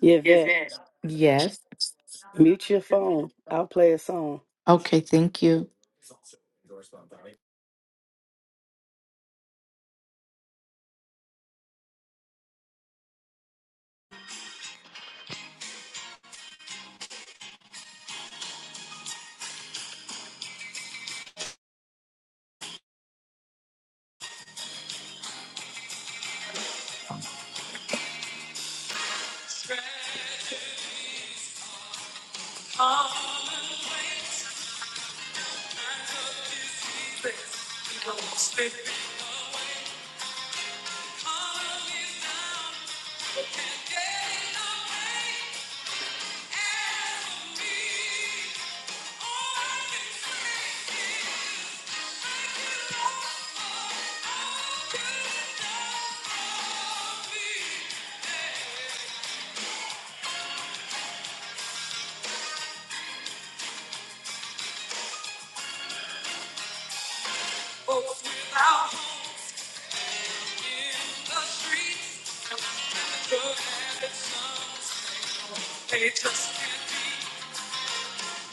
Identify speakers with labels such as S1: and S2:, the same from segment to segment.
S1: Yvette,
S2: Yes.
S1: mute your phone. I'll play a song.
S2: Okay, thank you.
S1: They just can't be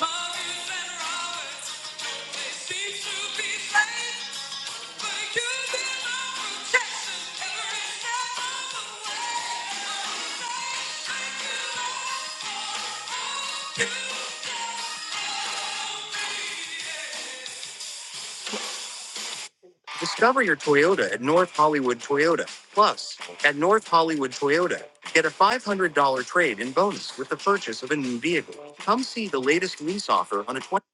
S1: mothers and robbers. They seem to be slaves, but you've been my protection every step of the way. Discover your Toyota at North Hollywood Toyota. Plus, at North Hollywood Toyota, get a $500 trade in bonus with the purchase of a new vehicle. Come see the latest lease offer on a 20.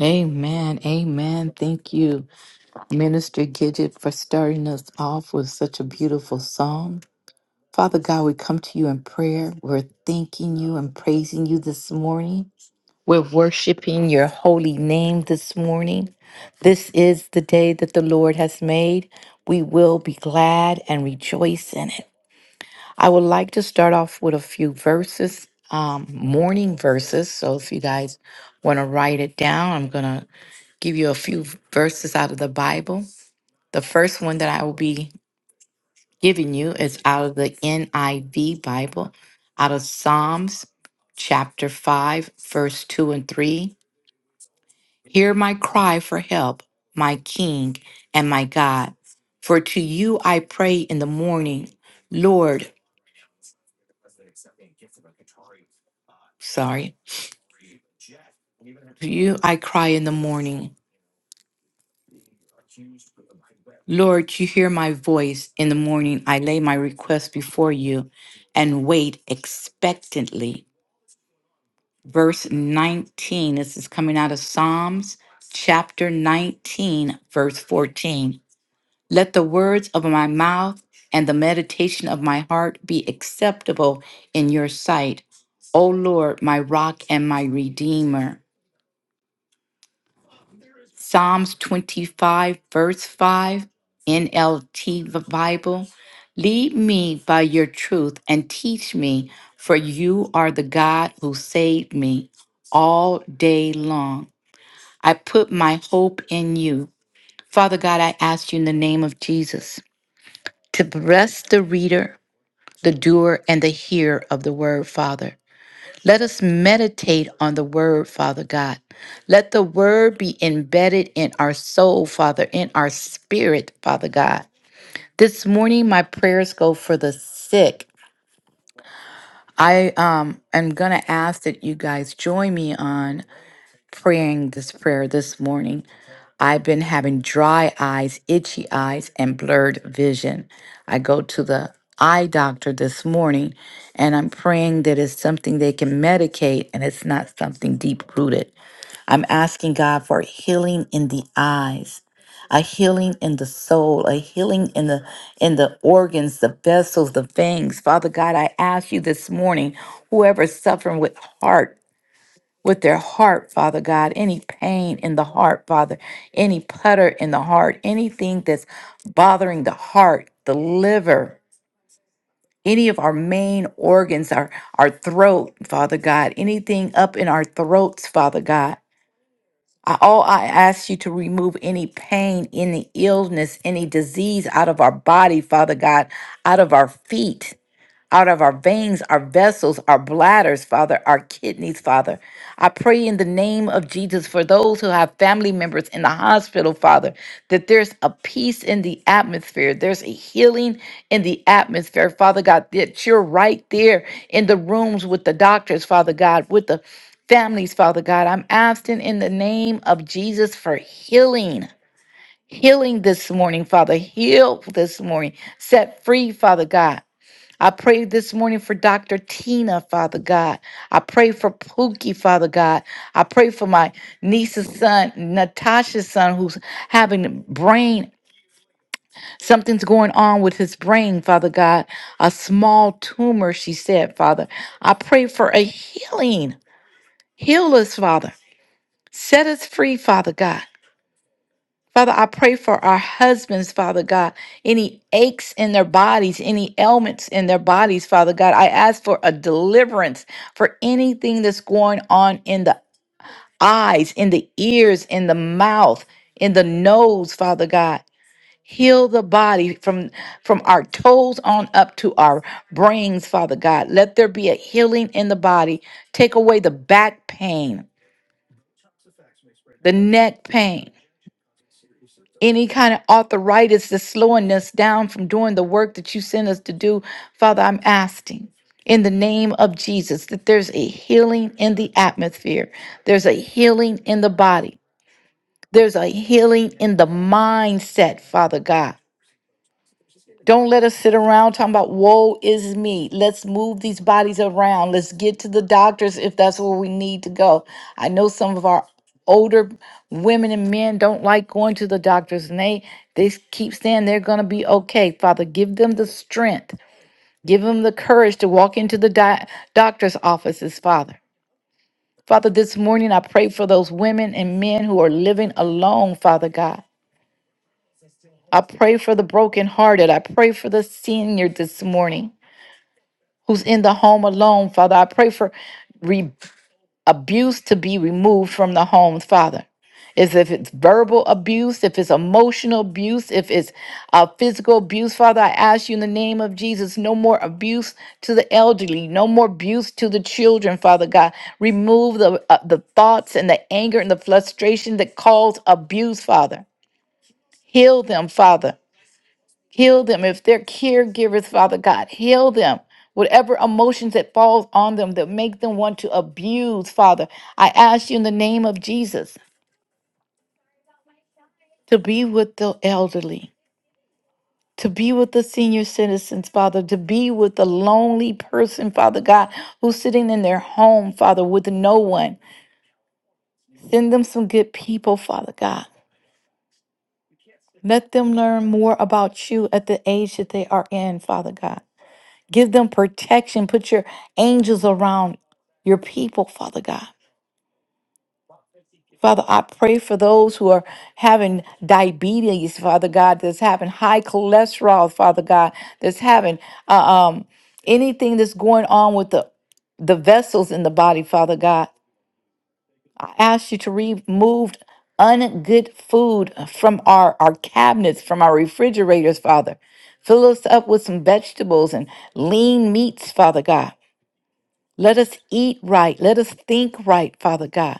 S2: Amen. Amen. Thank you, Minister Gidget, for starting us off with such a beautiful song. Father God, we come to you in prayer. We're thanking you and praising you this morning. We're worshiping your holy name this morning. This is the day that the Lord has made. We will be glad and rejoice in it. I would like to start off with a few verses, um, morning verses. So if you guys want to write it down, I'm going to give you a few verses out of the Bible. The first one that I will be giving you is out of the NIV Bible, out of Psalms chapter 5, verse 2 and 3. Hear my cry for help, my King and my God. For to you I pray in the morning, Lord, sorry. To you I cry in the morning. Lord, you hear my voice. In the morning I lay my request before you and wait expectantly. Verse 19, this is coming out of Psalms chapter 19, verse 14. Let the words of my mouth and the meditation of my heart be acceptable in your sight, O Lord, my rock and my redeemer. Psalms 25, verse 5, NLT Bible. Lead me by your truth and teach me, for you are the God who saved me all day long. I put my hope in you. Father God, I ask you in the name of Jesus to bless the reader, the doer, and the hearer of the word, Father. Let us meditate on the word, Father God. Let the word be embedded in our soul, Father, in our spirit, Father God. This morning, my prayers go for the sick. I um, am going to ask that you guys join me on praying this prayer this morning. I've been having dry eyes, itchy eyes, and blurred vision. I go to the eye doctor this morning and I'm praying that it's something they can medicate and it's not something deep rooted. I'm asking God for healing in the eyes, a healing in the soul, a healing in the in the organs, the vessels, the veins. Father God, I ask you this morning, whoever's suffering with heart with their heart, Father God, any pain in the heart, Father, any putter in the heart, anything that's bothering the heart, the liver, any of our main organs, our, our throat, Father God, anything up in our throats, Father God. I, all I ask you to remove any pain, any illness, any disease out of our body, Father God, out of our feet, out of our veins, our vessels, our bladders, Father, our kidneys, Father. I pray in the name of Jesus for those who have family members in the hospital, Father, that there's a peace in the atmosphere. There's a healing in the atmosphere, Father God, that you're right there in the rooms with the doctors, Father God, with the families, Father God. I'm asking in the name of Jesus for healing. Healing this morning, Father. Heal this morning. Set free, Father God. I pray this morning for Dr. Tina, Father God. I pray for Pookie, Father God. I pray for my niece's son, Natasha's son, who's having brain, something's going on with his brain, Father God. A small tumor, she said, Father. I pray for a healing. Heal us, Father. Set us free, Father God. Father, I pray for our husbands, Father God, any aches in their bodies, any ailments in their bodies, Father God. I ask for a deliverance for anything that's going on in the eyes, in the ears, in the mouth, in the nose, Father God. Heal the body from from our toes on up to our brains, Father God. Let there be a healing in the body. Take away the back pain, the neck pain any kind of arthritis that's slowing us down from doing the work that you sent us to do. Father, I'm asking in the name of Jesus that there's a healing in the atmosphere, there's a healing in the body, there's a healing in the mindset, Father God. Don't let us sit around talking about woe is me. Let's move these bodies around. Let's get to the doctors if that's where we need to go. I know some of our older women and men don't like going to the doctors and they they keep saying they're going to be okay. Father, give them the strength. Give them the courage to walk into the di- doctor's offices, Father. Father, this morning I pray for those women and men who are living alone, Father God. I pray for the brokenhearted. I pray for the senior this morning. who's in the home alone, Father. I pray for re- abuse to be removed from the homes, Father. As if it's verbal abuse, if it's emotional abuse, if it's uh, physical abuse, Father, I ask you in the name of Jesus, no more abuse to the elderly, no more abuse to the children, Father God. Remove the uh, the thoughts and the anger and the frustration that cause abuse, Father. Heal them, Father. Heal them. If they're caregivers, Father God, heal them. Whatever emotions that falls on them that make them want to abuse, Father, I ask you in the name of Jesus to be with the elderly, to be with the senior citizens, Father, to be with the lonely person, Father God, who's sitting in their home, Father, with no one. Send them some good people, Father God. Let them learn more about you at the age that they are in, Father God. Give them protection. Put your angels around your people, Father God. Father, I pray for those who are having diabetes, Father God, that's having high cholesterol, Father God, that's having uh, um, anything that's going on with the, the vessels in the body, Father God. I ask you to remove ungood food from our, our cabinets, from our refrigerators, Father. Fill us up with some vegetables and lean meats, Father God. Let us eat right. Let us think right, Father God.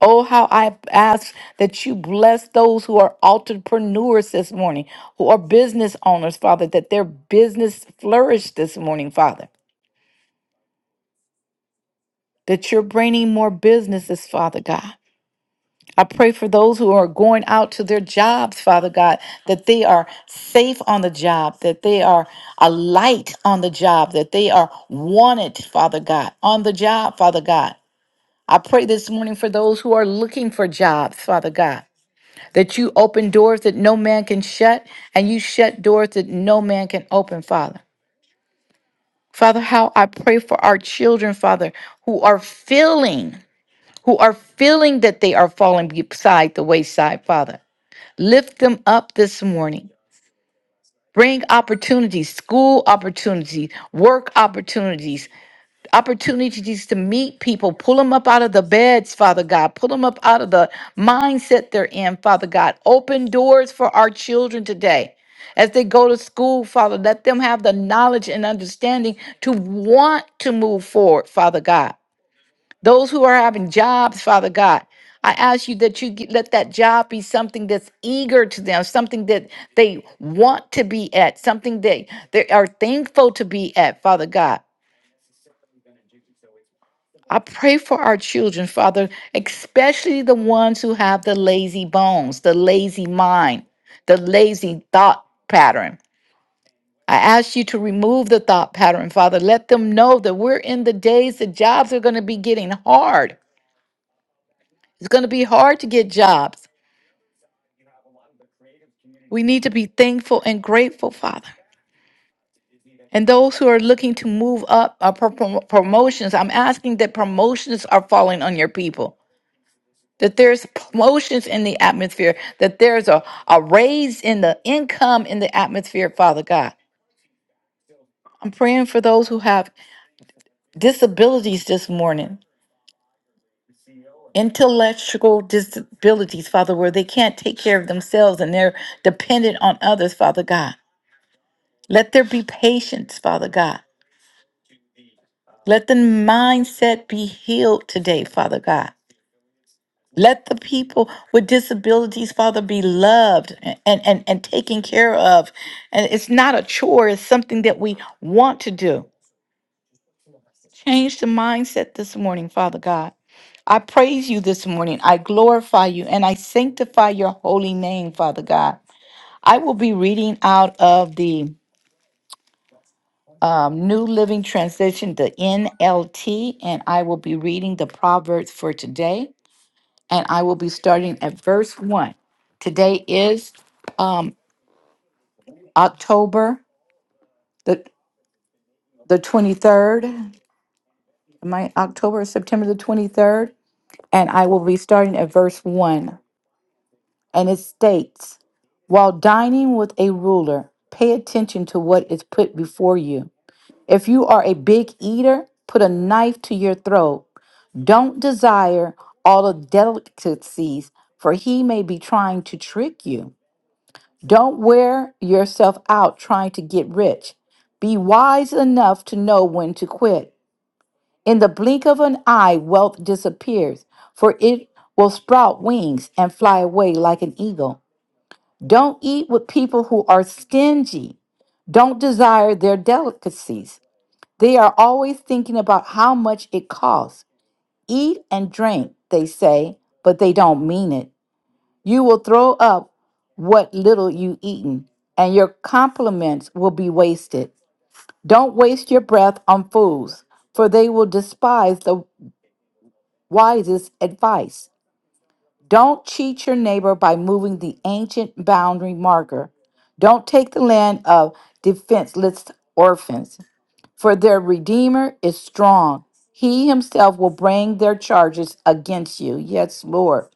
S2: Oh, how I ask that you bless those who are entrepreneurs this morning, who are business owners, Father, that their business flourish this morning, Father, that you're bringing more businesses, Father God. I pray for those who are going out to their jobs, Father God, that they are safe on the job, that they are a light on the job, that they are wanted, Father God, on the job, Father God. I pray this morning for those who are looking for jobs, Father God, that you open doors that no man can shut, and you shut doors that no man can open, Father. Father, how I pray for our children, Father, who are feeling, who are feeling that they are falling beside the wayside, Father. Lift them up this morning. Bring opportunities, school opportunities, work opportunities, opportunities to meet people, pull them up out of the beds, Father God, pull them up out of the mindset they're in, Father God. Open doors for our children today. As they go to school, Father, let them have the knowledge and understanding to want to move forward, Father God. Those who are having jobs, Father God, I ask you that you get, let that job be something that's eager to them, something that they want to be at, something they, they are thankful to be at, Father God. I pray for our children, Father, especially the ones who have the lazy bones, the lazy mind, the lazy thought pattern. I ask you to remove the thought pattern, Father. Let them know that we're in the days that jobs are going to be getting hard. It's going to be hard to get jobs. We need to be thankful and grateful, Father. And those who are looking to move up uh, pro- pro- promotions, I'm asking that promotions are falling on your people that there's promotions in the atmosphere, that there's a, a raise in the income in the atmosphere, Father God. I'm praying for those who have disabilities this morning, intellectual disabilities, Father, where they can't take care of themselves and they're dependent on others, Father God. Let there be patience, Father God. Let the mindset be healed today, Father God. Let the people with disabilities, Father, be loved and, and, and taken care of. And it's not a chore, it's something that we want to do. Change the mindset this morning, Father God. I praise you this morning. I glorify you and I sanctify your holy name, Father God. I will be reading out of the um, New Living Translation, the NLT, and I will be reading the Proverbs for today. and I will be starting at verse 1. Today is um, October the, the 23rd, my October, September the 23rd, and I will be starting at verse 1. And it states, While dining with a ruler, pay attention to what is put before you. If you are a big eater, put a knife to your throat. Don't desire all the delicacies, for he may be trying to trick you. Don't wear yourself out trying to get rich. Be wise enough to know when to quit. In the blink of an eye, wealth disappears, for it will sprout wings and fly away like an eagle. Don't eat with people who are stingy. Don't desire their delicacies. They are always thinking about how much it costs. Eat and drink, they say, but they don't mean it. You will throw up what little you eaten, and your compliments will be wasted. Don't waste your breath on fools, for they will despise the wisest advice. Don't cheat your neighbor by moving the ancient boundary marker. Don't take the land of defenseless orphans, for their Redeemer is strong. He himself will bring their charges against you. Yes, Lord.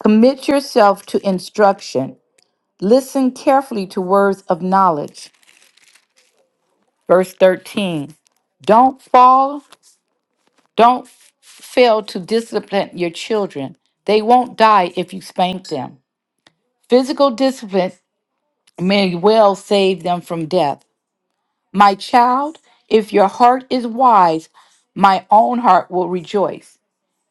S2: Commit yourself to instruction Listen carefully to words of knowledge. Verse 13. Don't fall, don't fail to discipline your children. They won't die if you spank them. Physical discipline may well save them from death. My child, if your heart is wise, my own heart will rejoice.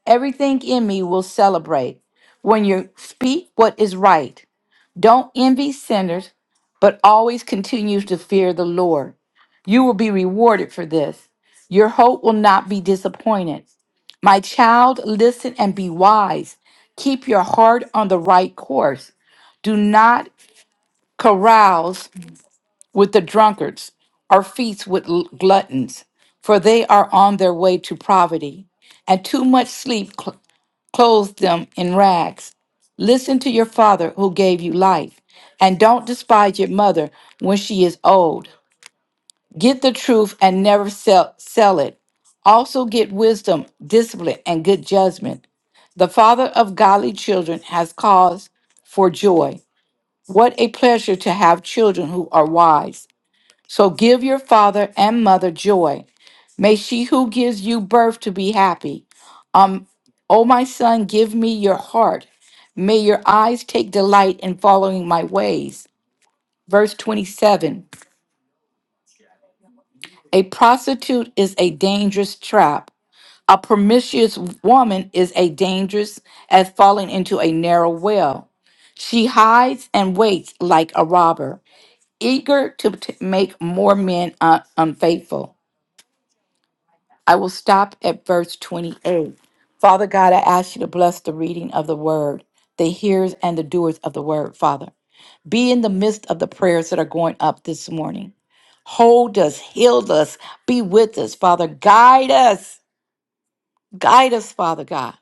S2: Everything in me will celebrate. When you speak what is right, don't envy sinners, but always continue to fear the Lord. You will be rewarded for this. Your hope will not be disappointed. My child, listen and be wise. Keep your heart on the right course. Do not carouse with the drunkards or feast with l- gluttons, for they are on their way to poverty, and too much sleep cl- clothes them in rags. Listen to your father who gave you life, and don't despise your mother when she is old. Get the truth and never sell, sell it. Also, get wisdom, discipline, and good judgment. The father of godly children has cause for joy. What a pleasure to have children who are wise. So, give your father and mother joy. May she who gives you birth to be happy. Um, O my son, give me your heart. May your eyes take delight in following my ways. Verse 27 A prostitute is a dangerous trap A promiscuous woman is a dangerous as falling into a narrow well. She hides and waits like a robber, eager to t- make more men un- unfaithful. I will stop at verse 28. Father God, I ask you to bless the reading of the word, the hearers and the doers of the word, Father. Be in the midst of the prayers that are going up this morning. Hold us, heal us, be with us, Father. Guide us, guide us, Father God.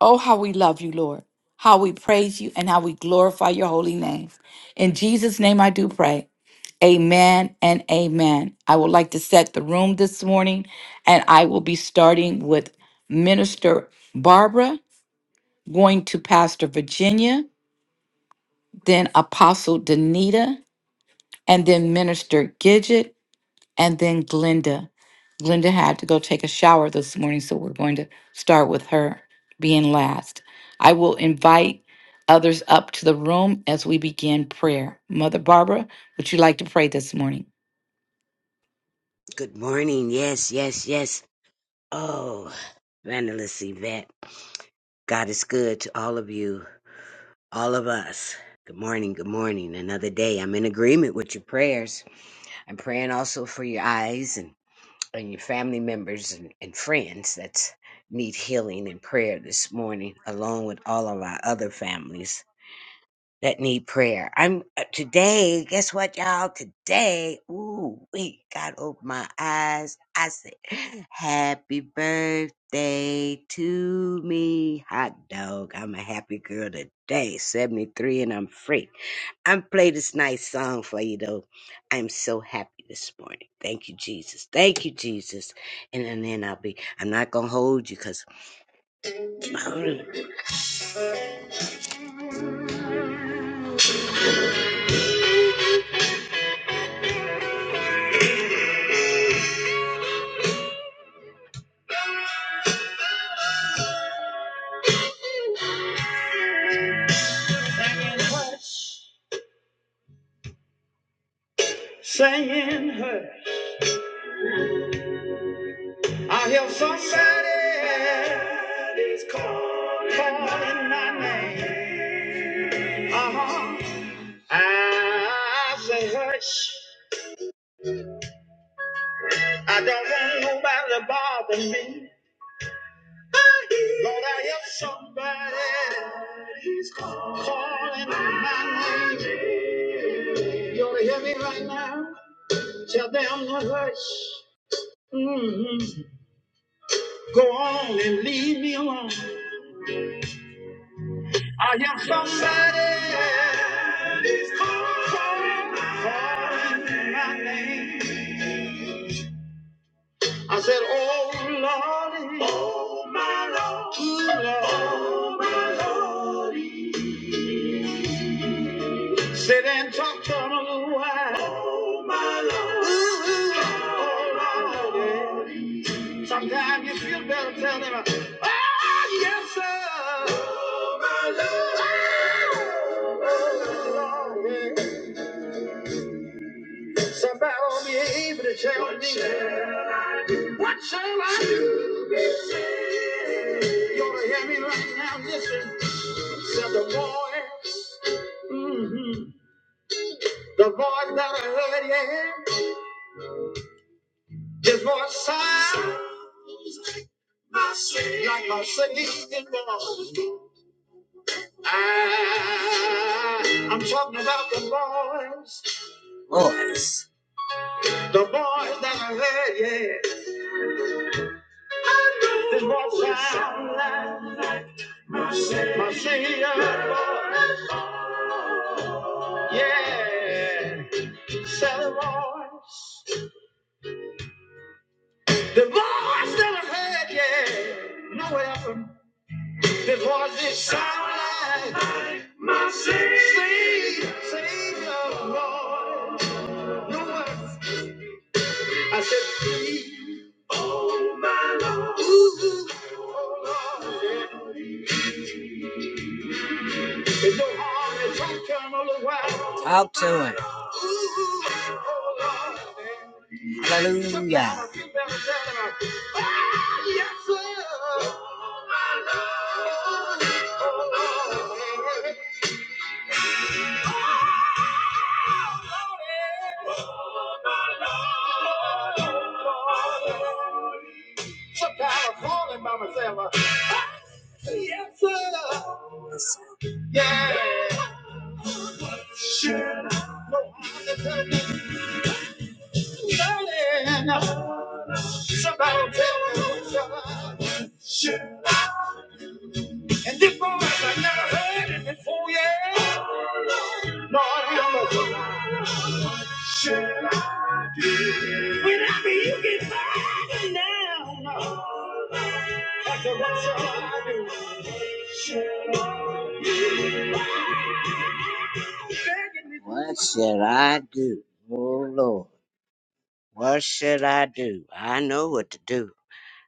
S2: Oh, how we love you, Lord. How we praise you and how we glorify your holy name. In Jesus' name I do pray. Amen and amen. I would like to set the room this morning, and I will be starting with Minister Barbara, going to Pastor Virginia, then Apostle Danita, and then Minister Gidget, and then Glenda. Glenda had to go take a shower this morning, so we're going to start with her being last. I will invite others up to the room as we begin prayer. Mother Barbara, would you like to pray this morning?
S3: Good morning. Yes, yes, yes. Oh, Vandalist Yvette. God is good to all of you, all of us. Good morning. Good morning. Another day. I'm in agreement with your prayers. I'm praying also for your eyes and, and your family members and, and friends that need healing and prayer this morning, along with all of our other families that need prayer. I'm uh, today, guess what, y'all? Today, ooh, we got open my eyes. I said, Happy birthday to me, hot dog. I'm a happy girl today, 73, and I'm free. I'm play this nice song for you though. I'm so happy this morning. Thank you, Jesus. Thank you, Jesus. And, and then I'll be, I'm not gonna hold you because my Singing hush. Singing hush. I hear somebody is calling, calling my name. Uh-huh. I say hush. I don't want nobody to bother me. Lord, I hear somebody is calling, my name. You ought to hear me right now. Tell them to hush. Mhm. Go on and leave me alone. I am somebody who's calling calling my name. I said, Oh Lordy, oh my Lord, Ooh, Lord. oh my Lordy. Sit and talk to him a little while. Oh my Lord, Ooh, oh Lordy. Sometimes you feel better telling him, Oh yes sir. Oh my Lord, oh my Lordy. Somebody will be able to tell what me shall I do? what shall I do? You ought to hear me right now. Listen, said the voice, hmm the voice that I heard, yeah, his voice sound like a singing voice. I, I'm talking about the voice, voice, the voice that I heard, yeah, his voice sound. My Savior, yeah. Sell the voice. The voice that I heard, yeah. No weapon. The voice that sounded like my Savior. Savior, Lord. No weapon. I said, please. Oh, my Lord. Ooh, oh, Lord. yeah. There's no to come Talk to him. Hallelujah. Yes, sir. Yes, sir. Yeah. Surely, Somebody tell me. Surely, And this voice I never heard it before, yeah. Lord, help us. When I you get fighting now, that's what shall I do? Surely, What shall I do? Oh Lord, what should I do? I know what to do.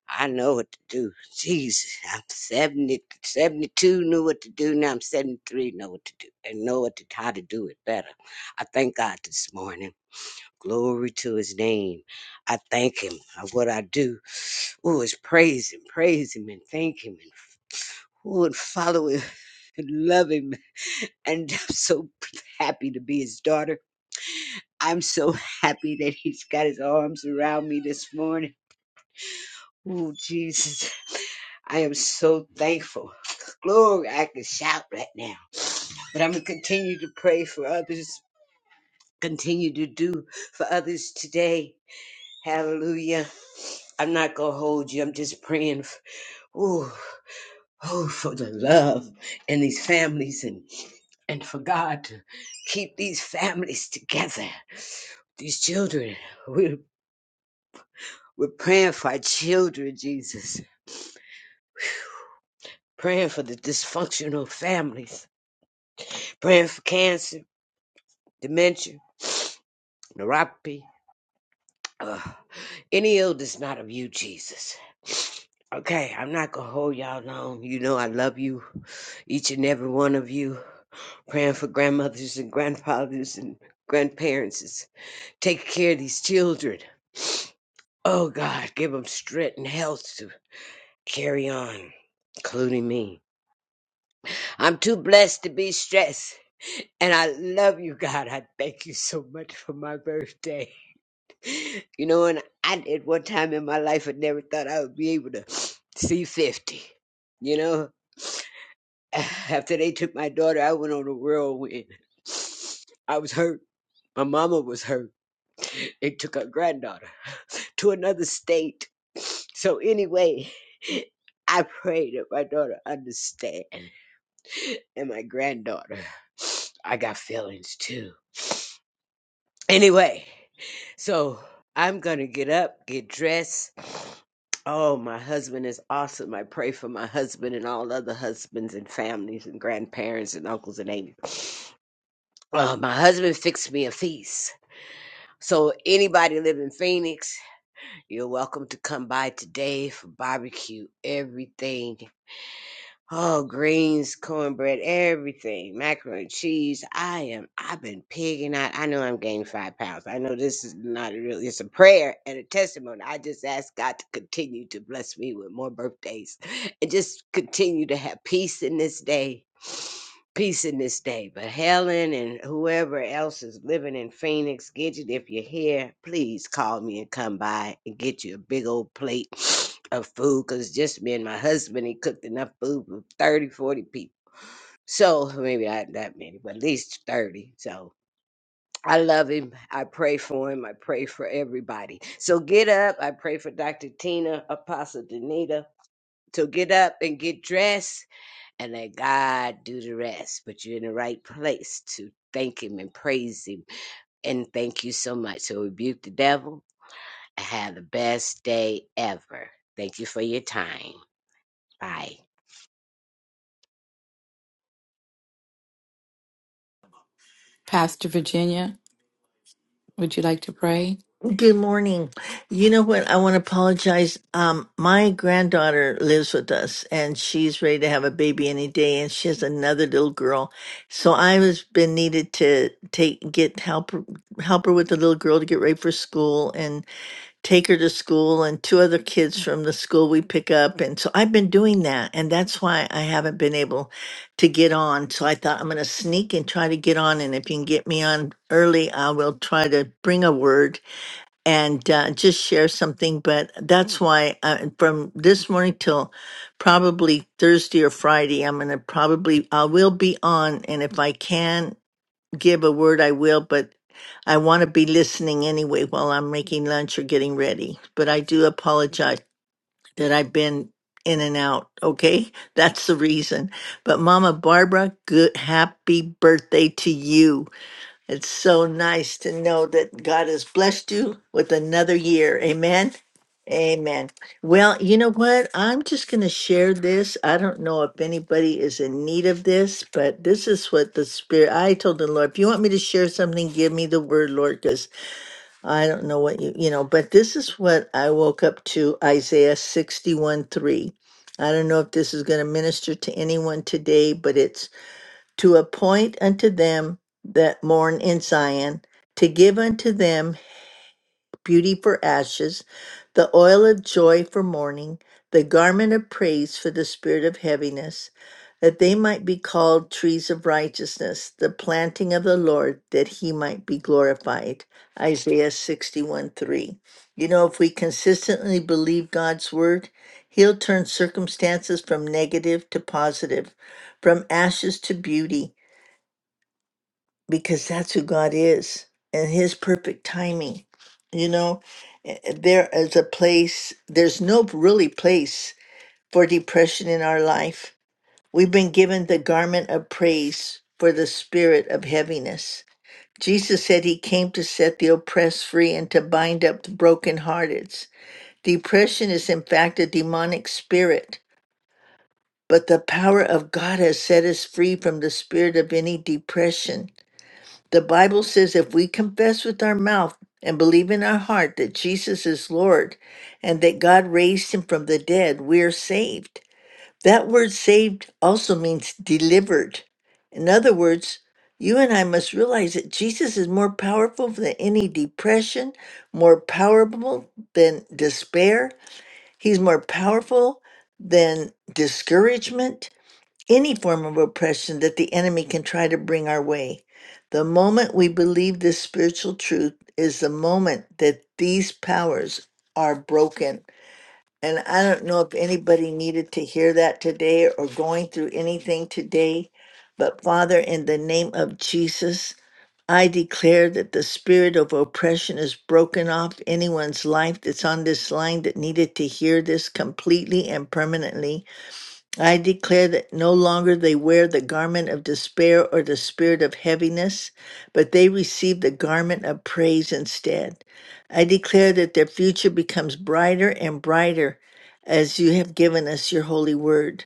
S3: I know what to do. Jesus, I'm seventy, seventy-two. knew what to do. Now I'm 73, know what to do, and know what to, how to do it better. I thank God this morning. Glory to his name. I thank him of what I do. Oh, it's praise him, praise him, and thank him, and, oh, and follow him, and love him. And I'm so happy to be his daughter. I'm so happy that he's got his arms around me this morning. Oh, Jesus. I am so thankful. Glory, I can shout right now. But I'm going to continue to pray for others, continue to do for others today. Hallelujah. I'm not going to hold you. I'm just praying for, ooh, oh, for the love in these families and, and for God to keep these families together. These children, we're, we're praying for our children, Jesus, praying for the dysfunctional families Praying for cancer, dementia, neuropathy, uh, any illness not of you, Jesus. Okay, I'm not gonna hold y'all long. You know I love you, each and every one of you. Praying for grandmothers and grandfathers and grandparents. Take care of these children. Oh God, give them strength and health to carry on, including me. I'm too blessed to be stressed. And I love you, God. I thank you so much for my birthday. You know, and I at one time in my life had never thought I would be able to see fifty. You know, after they took my daughter, I went on a whirlwind. I was hurt. My mama was hurt. They took her granddaughter to another state. So anyway, I pray that my daughter understand and my granddaughter. I got feelings too. Anyway, So I'm gonna get up, get dressed. Oh, my husband is awesome. I pray for my husband and all other husbands and families and grandparents and uncles and aunties. Uh, my husband fixed me a feast. So anybody live in Phoenix, you're welcome to come by today for barbecue. Everything Oh, greens, cornbread, everything, macaroni and cheese. I am. I've been pigging out. I know I'm gaining five pounds. I know this is not really. It's a prayer and a testimony. I just ask God to continue to bless me with more birthdays, and just continue to have peace in this day peace in this day. But Helen and whoever else is living in Phoenix, Gidget. If you're here, please call me and come by and get you a big old plate of food. Cause just me and my husband, he cooked enough food for 30, 40 people. So maybe not that many, but at least 30. So I love him. I pray for him. I pray for everybody. So get up. I pray for Dr. Tina, Apostle Danita. So get up and get dressed and let God do the rest. But you're in the right place to thank Him and praise Him. And thank you so much. So rebuke the devil and have the best day ever. Thank you for your time. Bye.
S2: Pastor Virginia, would you like to pray?
S4: Good morning. You know what? I want to apologize. Um, my granddaughter lives with us and she's ready to have a baby any day and she has another little girl. So I was been needed to take, get help, help her with the little girl to get ready for school and take her to school and two other kids from the school we pick up. And so I've been doing that and that's why I haven't been able to get on. So I thought I'm going to sneak and try to get on. And if you can get me on early, I will try to bring a word and uh, just share something. But that's why uh, from this morning till probably Thursday or Friday, I'm gonna probably I will be on, and if I can give a word, I will. But I want to be listening anyway while I'm making lunch or getting ready. But I do apologize that I've been in and out. Okay, that's the reason. But Mama Barbara, good happy birthday to you. It's so nice to know that God has blessed you with another year. Amen. Amen. Well, you know what? I'm just going to share this. I don't know if anybody is in need of this, but this is what the Spirit, I told the Lord, if you want me to share something, give me the word, Lord, because I don't know what you, you know, but this is what I woke up to Isaiah 61 3. I don't know if this is going to minister to anyone today, but it's to appoint unto them that mourn in Zion, to give unto them beauty for ashes, the oil of joy for mourning, the garment of praise for the spirit of heaviness, that they might be called trees of righteousness, the planting of the Lord, that he might be glorified. Isaiah 61 3. You know, if we consistently believe God's word, he'll turn circumstances from negative to positive, from ashes to beauty because that's who God is and His perfect timing. You know, Eh, eh, there is a place, there's no really place for depression in our life. We've been given the garment of praise for the spirit of heaviness. Jesus said he came to set the oppressed free and to bind up the brokenhearted. Depression is, in fact, a demonic spirit, but the power of God has set us free from the spirit of any depression the Bible says if we confess with our mouth and believe in our heart that Jesus is Lord and that God raised him from the dead, we are saved. That word saved also means delivered. In other words, you and I must realize that Jesus is more powerful than any depression, more powerful than despair. He's more powerful than discouragement any form of oppression that the enemy can try to bring our way. The moment we believe this spiritual truth is the moment that these powers are broken. And I don't know if anybody needed to hear that today or going through anything today, but Father, in the name of Jesus, I declare that the spirit of oppression is broken off anyone's life that's on this line that needed to hear this completely and permanently. I declare that no longer they wear the garment of despair or the spirit of heaviness, but they receive the garment of praise instead. I declare that their future becomes brighter and brighter as you have given us your holy word.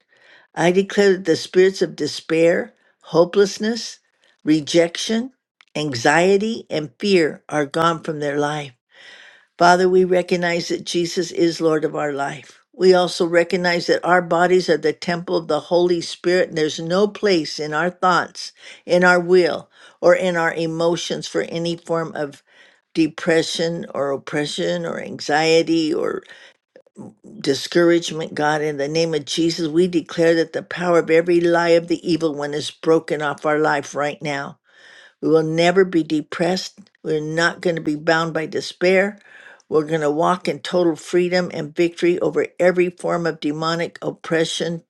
S4: I declare that the spirits of despair, hopelessness, rejection, anxiety, and fear are gone from their life. Father, we recognize that Jesus is Lord of our life. We also recognize that our bodies are the temple of the Holy Spirit, and there's no place in our thoughts, in our will, or in our emotions for any form of depression or oppression or anxiety or discouragement. God, in the name of Jesus, we declare that the power of every lie of the evil one is broken off our life right now. We will never be depressed. We're not going to be bound by despair. We're going to walk in total freedom and victory over every form of demonic oppression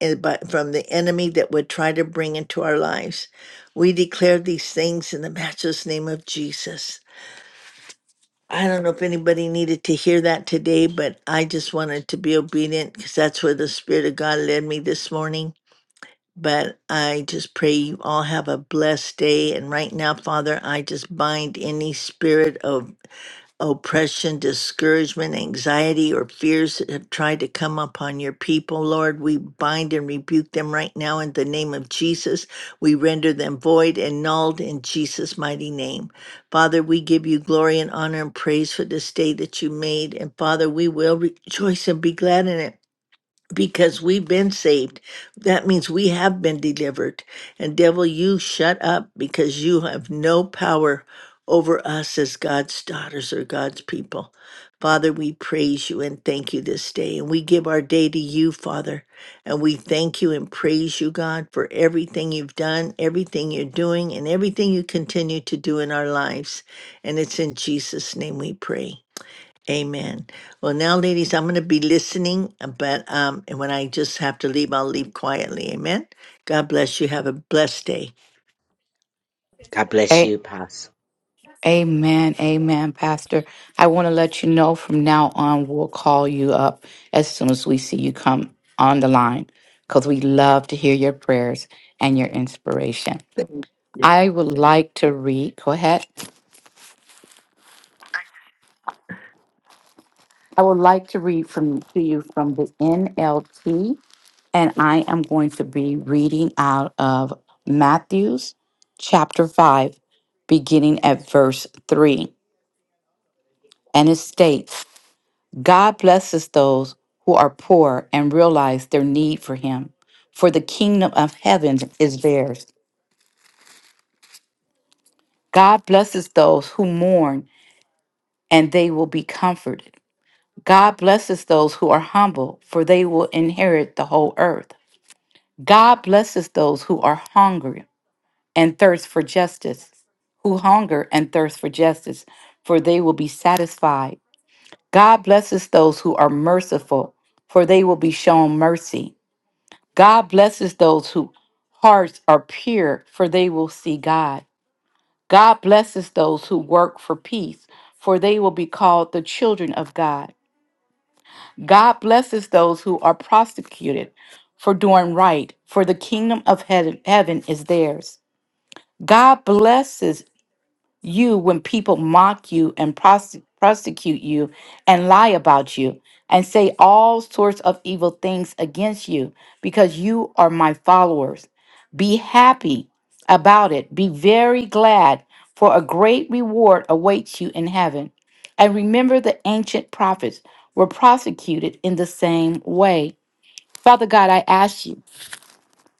S4: and by- from the enemy that would try to bring into our lives. We declare these things in the matchless name of Jesus. I don't know if anybody needed to hear that today, but I just wanted to be obedient because that's where the Spirit of God led me this morning but I just pray you all have a blessed day. And right now, Father, I just bind any spirit of oppression, discouragement, anxiety, or fears that have tried to come upon your people, Lord. We bind and rebuke them right now in the name of Jesus. We render them void and nulled in Jesus' mighty name. Father, we give you glory and honor and praise for this day that you made. And Father, we will rejoice and be glad in it because we've been saved that means we have been delivered and devil you shut up because you have no power over us as god's daughters or god's people father we praise you and thank you this day and we give our day to you father and we thank you and praise you god for everything you've done everything you're doing and everything you continue to do in our lives and it's in jesus name we pray Amen. Well, now, ladies, I'm going to be listening, uh, but um, and when I just have to leave, I'll leave quietly. Amen. God bless you. Have a blessed day.
S3: God bless
S2: Hey.
S3: you, Apostle.
S2: Amen, amen, Pastor. I want to let you know from now on, we'll call you up as soon as we see you come on the line because we love to hear your prayers and your inspiration. I would like to read, go ahead. I would like to read from to you from the NLT, and I am going to be reading out of Matthew's chapter 5, beginning at verse 3. And it states, God blesses those who are poor and realize their need for Him, for the kingdom of heaven is theirs. God blesses those who mourn, and they will be comforted. God blesses those who are humble, for they will inherit the whole earth. God blesses those who are hungry and thirst for justice, who hunger and thirst for justice, for they will be satisfied. God blesses those who are merciful, for they will be shown mercy. God blesses those whose hearts are pure, for they will see God. God blesses those who work for peace, for they will be called the children of God. God blesses those who are prosecuted for doing right, for the kingdom of heaven, heaven is theirs. God blesses you when people mock you and prose- prosecute you and lie about you and say all sorts of evil things against you because you are my followers. Be happy about it. Be very glad, for a great reward awaits you in heaven. And remember, the ancient prophets were prosecuted in the same way. Father God, I ask you.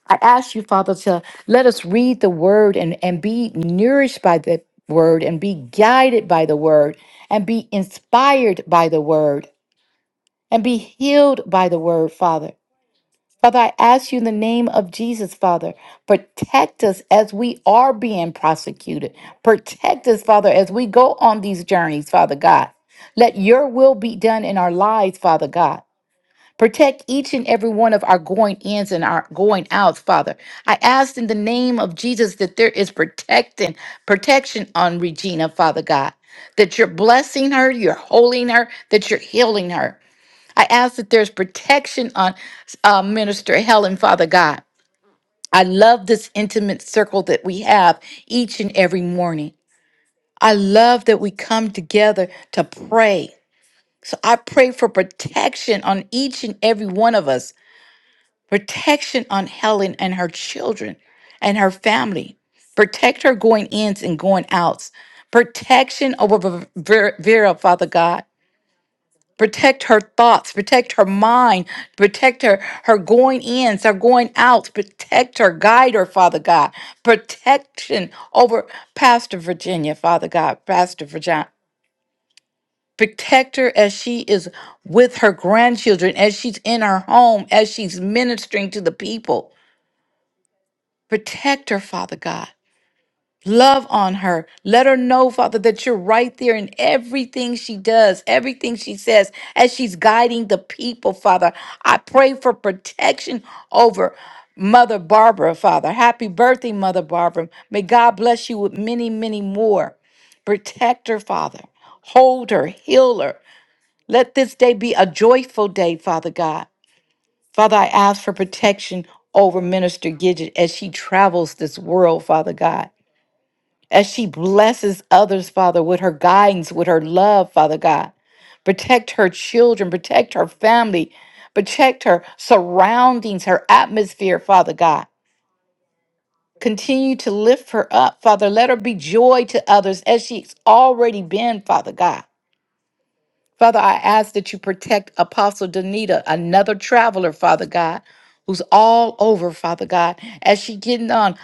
S2: I ask you, Father, to let us read the word and, and be nourished by the word and be guided by the word and be inspired by the word and be healed by the word, Father. Father, I ask you in the name of Jesus, Father, protect us as we are being prosecuted. Protect us, Father, as we go on these journeys, Father God. Let your will be done in our lives, Father God. Protect each and every one of our going ins and our going outs, Father. I ask in the name of Jesus that there is protecting, protection on Regina, Father God, that you're blessing her, you're holding her, that you're healing her. I ask that there's protection on uh, Minister Helen, Father God. I love this intimate circle that we have each and every morning. I love that we come together to pray. So I pray for protection on each and every one of us protection on Helen and her children and her family. Protect her going ins and going outs. Protection over Ver- Vera, Father God. Protect her thoughts. Protect her mind. Protect her, her going ins, her going outs. Protect her, guide her, Father God. Protection over Pastor Virginia, Father God, Pastor Virginia. Protect her as she is with her grandchildren, as she's in her home, as she's ministering to the people. Protect her, Father God. Love on her. Let her know, Father, that you're right there in everything she does, everything she says, as she's guiding the people, Father. I pray for protection over Mother Barbara, Father. Happy birthday, Mother Barbara. May God bless you with many, many more. Protect her, Father. Hold her, heal her. Let this day be a joyful day, Father God. Father, I ask for protection over Minister Gidget as she travels this world, Father God, as she blesses others, Father, with her guidance, with her love, Father God. Protect her children, protect her family, protect her surroundings, her atmosphere, Father God. Continue to lift her up, Father. Let her be joy to others as she's already been, Father God. Father, I ask that you protect Apostle Danita, another traveler, Father God, who's all over, Father God, as she getting on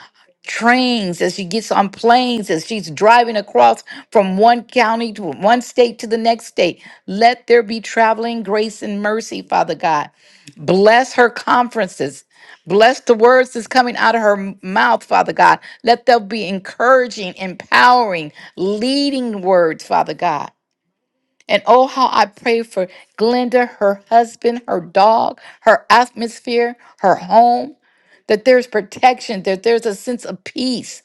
S2: trains, as she gets on planes, as she's driving across from one county to one state to the next state. Let there be traveling grace and mercy, Father God. Bless her conferences. Bless the words that's coming out of her m- mouth, Father God. Let them be encouraging, empowering, leading words, Father God. And oh, how I pray for Glenda, her husband, her dog, her atmosphere, her home, that there's protection, that there's a sense of peace,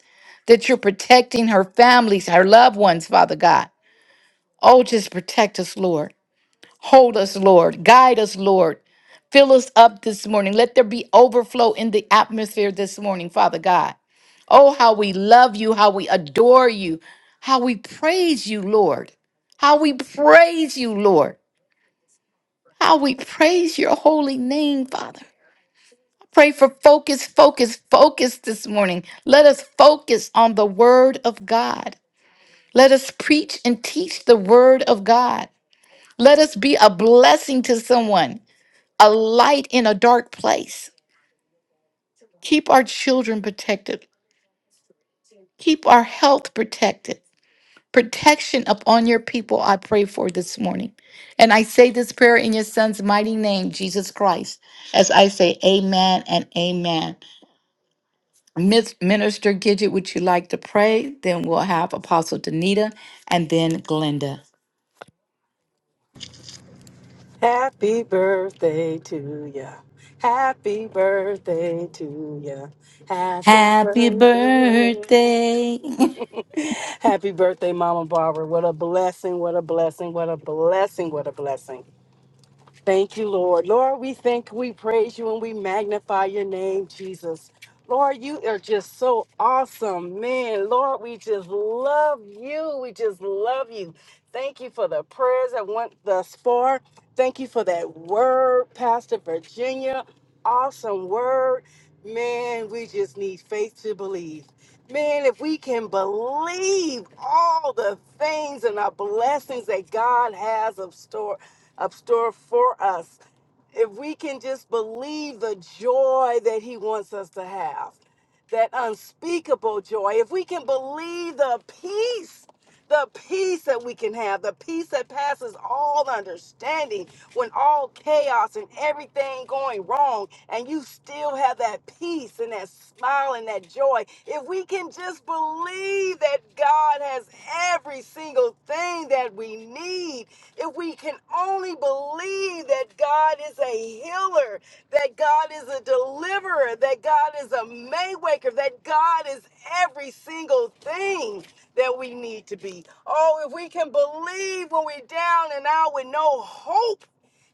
S2: that you're protecting her families, her loved ones, Father God. Oh, just protect us, Lord. Hold us, Lord. Guide us, Lord. Fill us up this morning. Let there be overflow in the atmosphere this morning, Father God. Oh, how we love you, how we adore you, how we praise you, Lord. How we praise you, Lord. How we praise your holy name, Father. I Pray for focus, focus, focus this morning. Let us focus on the word of God. Let us preach and teach the word of God. Let us be a blessing to someone, a light in a dark place. Keep our children protected. Keep our health protected. Protection upon your people, I pray for this morning. And I say this prayer in your son's mighty name, Jesus Christ, as I say, Amen and Amen. Miss Minister Gidget, would you like to pray? Then we'll have Apostle Danita and then Glenda.
S1: Happy birthday to ya. Happy birthday to ya. Happy
S2: Happy
S1: birthday.
S2: birthday.
S1: Happy birthday, Mama Barbara. What a blessing, what a blessing, what a blessing, what a blessing. Thank you, Lord. Lord, we thank, we praise you, and we magnify your name, Jesus. Lord, you are just so awesome, man. Lord, we just love you. We just love you. Thank you for the prayers that went thus far. Thank you for that word, Pastor Virginia awesome word. Man, we just need faith to believe. Man, if we can believe all the things and the blessings that God has of store up store for us, if we can just believe the joy that he wants us to have, that unspeakable joy, if we can believe the peace the peace that we can have, the peace that passes all understanding when all chaos and everything going wrong, and you still have that peace and that smile and that joy. If we can just believe that God has every single thing that we need, if we can only believe that God is a healer, that God is a deliverer, that God is a maywaker, that God is every single thing that we need to be. Oh, if we can believe when we're down and out with no hope,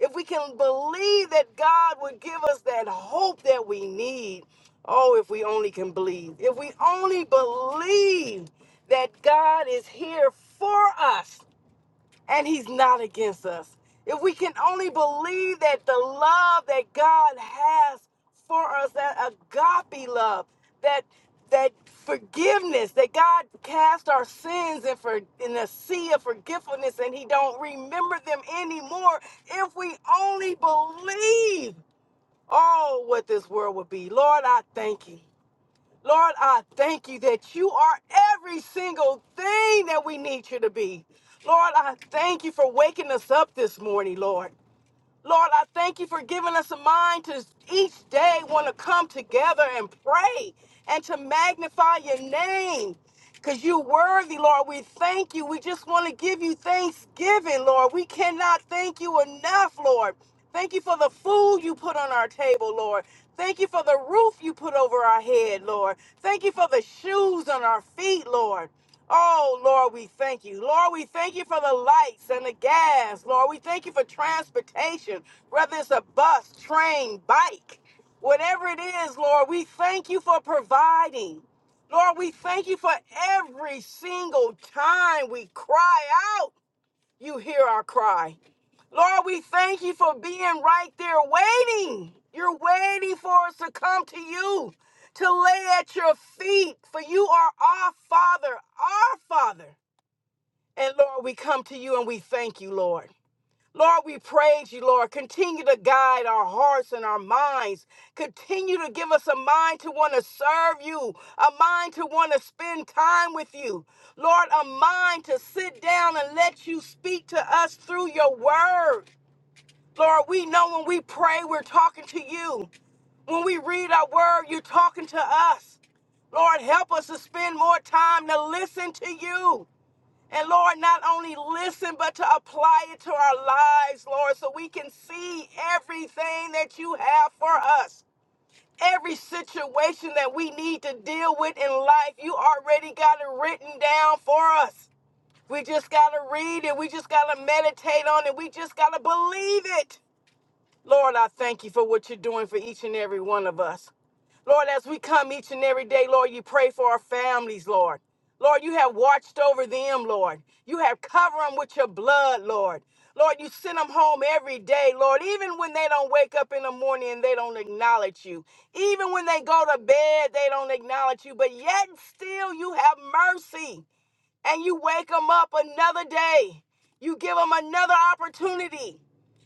S1: if we can believe that God would give us that hope that we need. Oh, if we only can believe. If we only believe that God is here for us and he's not against us. If we can only believe that the love that God has for us, that agape love, that that forgiveness, that God cast our sins in for in the sea of forgetfulness and he don't remember them anymore. If we only believe oh what this world would be. Lord, I thank you. Lord, I thank you that you are every single thing that we need you to be. Lord, I thank you for waking us up this morning, Lord. Lord, I thank you for giving us a mind to each day want to come together and pray and to magnify your name because you're worthy, Lord. We thank you. We just want to give you thanksgiving, Lord. We cannot thank you enough, Lord. Thank you for the food you put on our table, Lord. Thank you for the roof you put over our head, Lord. Thank you for the shoes on our feet, Lord. Oh, Lord, we thank you. Lord, we thank you for the lights and the gas. Lord, we thank you for transportation, whether it's a bus, train, bike, whatever it is, Lord, we thank you for providing. Lord, we thank you for every single time we cry out you hear our cry. Lord, we thank you for being right there waiting. You're waiting for us to come to you, to lay at your feet, for you are our Father, our Father. And Lord, we come to you and we thank you, Lord. Lord, we praise you, Lord. Continue to guide our hearts and our minds. Continue to give us a mind to want to serve you, a mind to want to spend time with you. Lord, a mind to sit down and let you speak to us through your word. Lord, we know when we pray, we're talking to you. When we read our word, you're talking to us. Lord, help us to spend more time to listen to you. And Lord, not only listen, but to apply it to our lives, Lord, so we can see everything that you have for us. Every situation that we need to deal with in life, you already got it written down for us. We just got to read it. We just got to meditate on it. We just got to believe it. Lord, I thank you for what you're doing for each and every one of us. Lord, as we come each and every day, Lord, you pray for our families, Lord. Lord, you have watched over them, Lord. You have covered them with your blood, Lord. Lord, you send them home every day, Lord, even when they don't wake up in the morning and they don't acknowledge you. Even when they go to bed, they don't acknowledge you, but yet and still you have mercy and you wake them up another day. You give them another opportunity.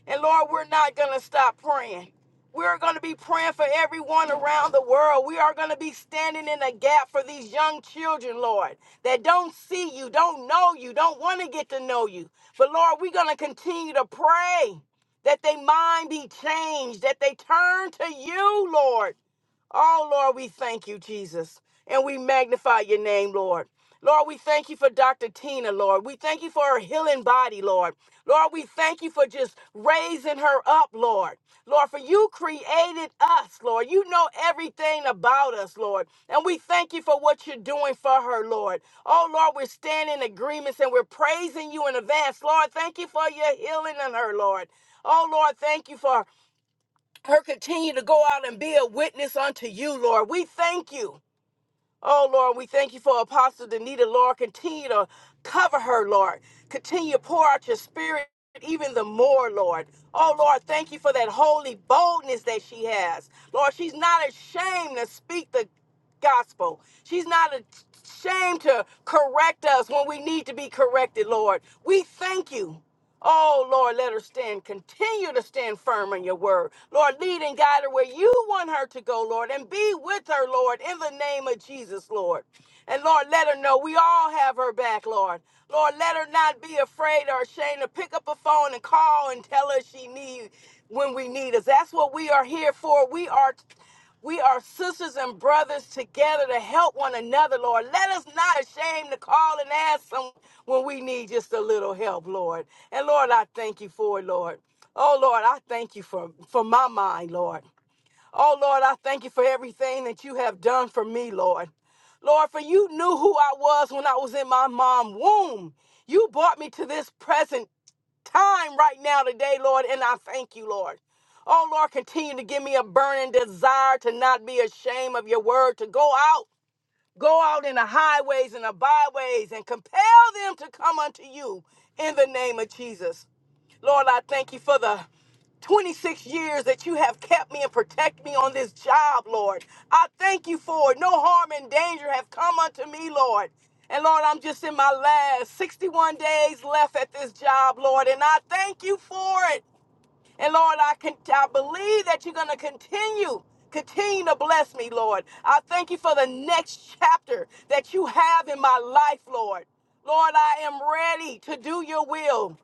S1: And Lord, we're not going to stop praying. We're going to be praying for everyone around the world. We are going to be standing in a gap for these young children, Lord, that don't see you, don't know you, don't want to get to know you. But Lord, we're going to continue to pray that their mind be changed, that they turn to you, Lord Oh, Lord, we thank you, Jesus. And we magnify your name, Lord. Lord, we thank you for Dr. Tina, Lord. We thank you for her healing body, Lord. Lord, we thank you for just raising her up, Lord. Lord, for you created us, Lord. You know everything about us, Lord. And we thank you for what you're doing for her, Lord. Oh, Lord, we're standing in agreements and we're praising you in advance. Lord, thank you for your healing in her, Lord. Oh, Lord, thank you for her continue to go out and be a witness unto you, Lord. We thank you. Oh, Lord, we thank you for Apostle Danita, Lord. Continue to cover her, Lord. Continue to pour out your spirit even the more, Lord. Oh, Lord, thank you for that holy boldness that she has. Lord, she's not ashamed to speak the gospel. She's not ashamed to correct us when we need to be corrected, Lord. We thank you. Oh, Lord, let her stand, continue to stand firm on your word. Lord, lead and guide her where you want her to go, Lord, and be with her, Lord, in the name of Jesus, Lord. And Lord, let her know we all have her back, Lord. Lord, let her not be afraid or ashamed to pick up a phone and call and tell us she needs when we need us. That's what we are here for. We are. We are sisters and brothers together to help one another, Lord. Let us not ashamed to call and ask someone when we need just a little help, Lord. And Lord, I thank you for it, Lord. Oh Lord, I thank you for, for my mind, Lord. Oh Lord, I thank you for everything that you have done for me, Lord. Lord, for you knew who I was when I was in my mom's womb. You brought me to this present time right now today, Lord, and I thank you, Lord. Oh, Lord, continue to give me a burning desire to not be ashamed of your word, to go out Go out in the highways and the byways and compel them to come unto you in the name of Jesus. Lord, I thank you for the 26 years that you have kept me and protect me on this job, Lord. I thank you for it. No harm and danger have come unto me, Lord. And Lord, I'm just in my last 61 days left at this job, Lord, and I thank you for it. And Lord, I can I believe that you're going to continue continue to bless me, Lord. I thank you for the next chapter that you have in my life, Lord. Lord, I am ready to do your will.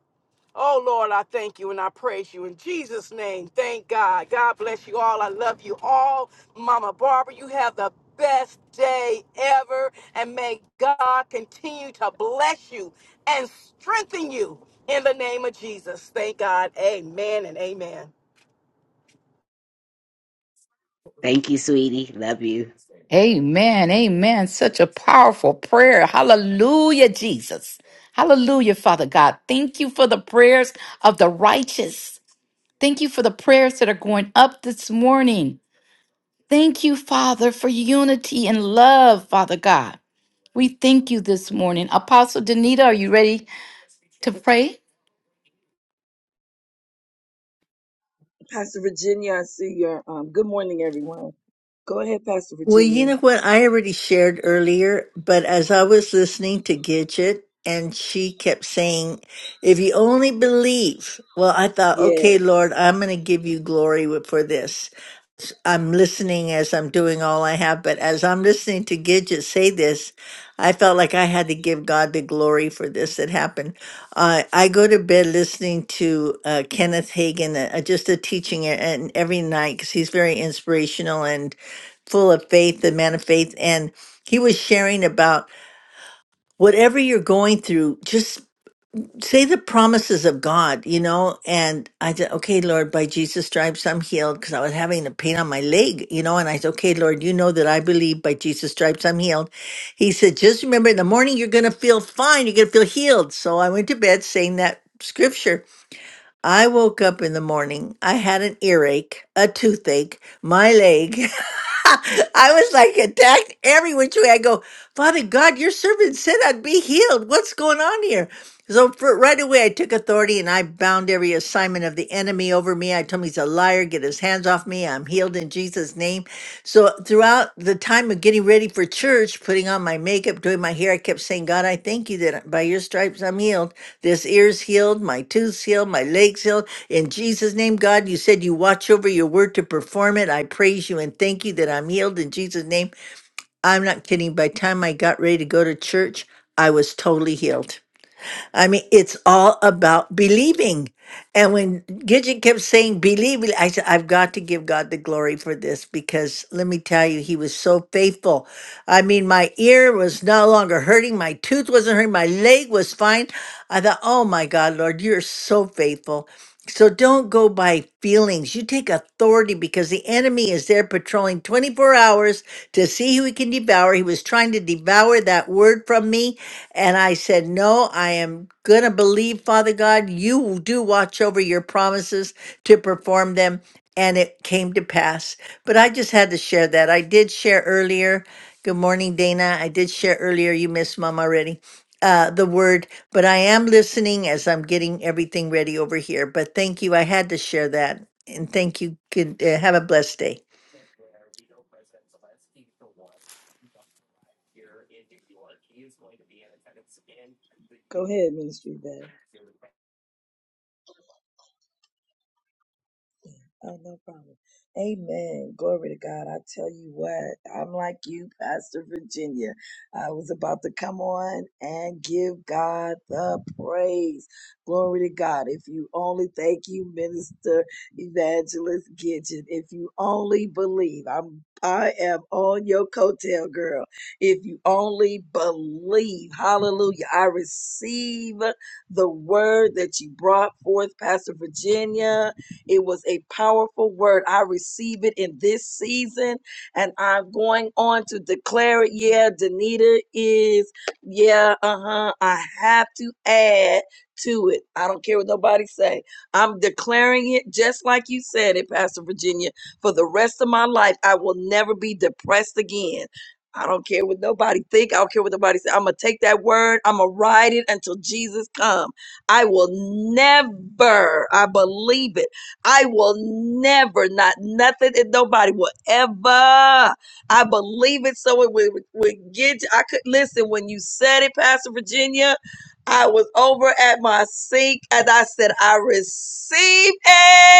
S1: Oh, Lord, I thank you and I praise you in Jesus' name. Thank God. God bless you all. I love you all. Mama Barbara, you have the best day ever. And may God continue to bless you and strengthen you in the name of Jesus. Thank God. Amen and amen.
S3: Thank you, sweetie. Love you.
S2: amen. Amen. Such a powerful prayer. Hallelujah, Jesus. Hallelujah, Father God. Thank you for the prayers of the righteous. Thank you for the prayers that are going up this morning. Thank you, Father, for unity and love, Father God. We thank you this morning. Apostle Danita, are you ready to pray?
S5: Pastor Virginia, I see your um good morning everyone. Go ahead, Pastor
S4: Well,
S5: Virginia.
S4: you know what? I already shared earlier, but as I was listening to Gidget, and she kept saying, if you only believe, well, I thought, okay,
S5: Yes.
S4: Lord, I'm going to give you glory with- for this. I'm listening as I'm doing all I have, but as I'm listening to Gidget say this, I felt like I had to give God the glory for this that happened. Uh, I go to bed listening to uh, Kenneth Hagin, uh, just a teaching, uh, and every night because he's very inspirational full of faith, the man of faith, and he was sharing about whatever you're going through, just say the promises of God, you know. And I said, okay, Lord, by Jesus' stripes, I'm healed because I was having a pain on my leg, you know. And I said, okay, Lord, you know that I believe by Jesus' stripes, I'm healed. He said, just remember in the morning, you're going to feel fine. You're going to feel healed. So I went to bed saying that scripture. I woke up in the morning. I had an earache, a toothache, my leg. I was like attacked every which way. I go, Father God, your servant said I'd be healed. What's going on here? So for, right away, I took authority and I bound every assignment of the enemy over me. I told him he's a liar. Get his hands off me. I'm healed in Jesus' name. So throughout the time of getting ready for church, putting on my makeup, doing my hair, I kept saying, God, I thank you that by your stripes I'm healed. This ear's healed, my tooth's healed, my leg's healed. In Jesus' name, God, you said you watch over your word to perform it. I praise you and thank you that I'm healed in Jesus' name. I'm not kidding. By the time I got ready to go to church, I was totally healed. I mean, it's all about believing. And when Gidget kept saying believe, I said, I've got to give God the glory for this because let me tell you, he was so faithful. I mean, my ear was no longer hurting, my tooth wasn't hurting, my leg was fine. I thought, oh my God, Lord, you're so faithful. So don't go by feelings. You take authority because the enemy is there patrolling 24 hours to see who he can devour. He was trying to devour that word from me. And I said, No, I am going to believe, Father God, you do watch over your promises to perform them. And it came to pass. But I just had to share that. I did share earlier. Good morning, Dana. I did share earlier. You missed mom already. Uh, the word but I am listening as I'm getting everything ready over here. But thank you. I had to share that. And thank you. Good, uh, have a blessed day.
S5: Go ahead, Ministry Bad. Oh, no problem. Amen. Glory to God. I tell you what, I'm like you, Pastor Virginia. I was about to come on and give God the praise. Glory to God. If you only thank you, Minister Evangelist Gidget. If you only believe, I'm I am on your coattail, girl. If you only believe, hallelujah. I receive the word that you brought forth, Pastor Virginia. It was a powerful word. I receive it in this season, and I'm going on to declare it. Yeah, Danita is, yeah, uh-huh. I have to add to it. I don't care what nobody say. I'm declaring it just like you said it, Pastor Virginia. For the rest of my life, I will never be depressed again. I don't care what nobody think. I don't care what nobody say. I'm gonna take that word. I'm gonna ride it until Jesus come. I will never. I believe it. I will never, not nothing and nobody will ever. I believe it. So it would, would get, I could listen when you said it, Pastor Virginia. I was over at my sink and I said, I receive it.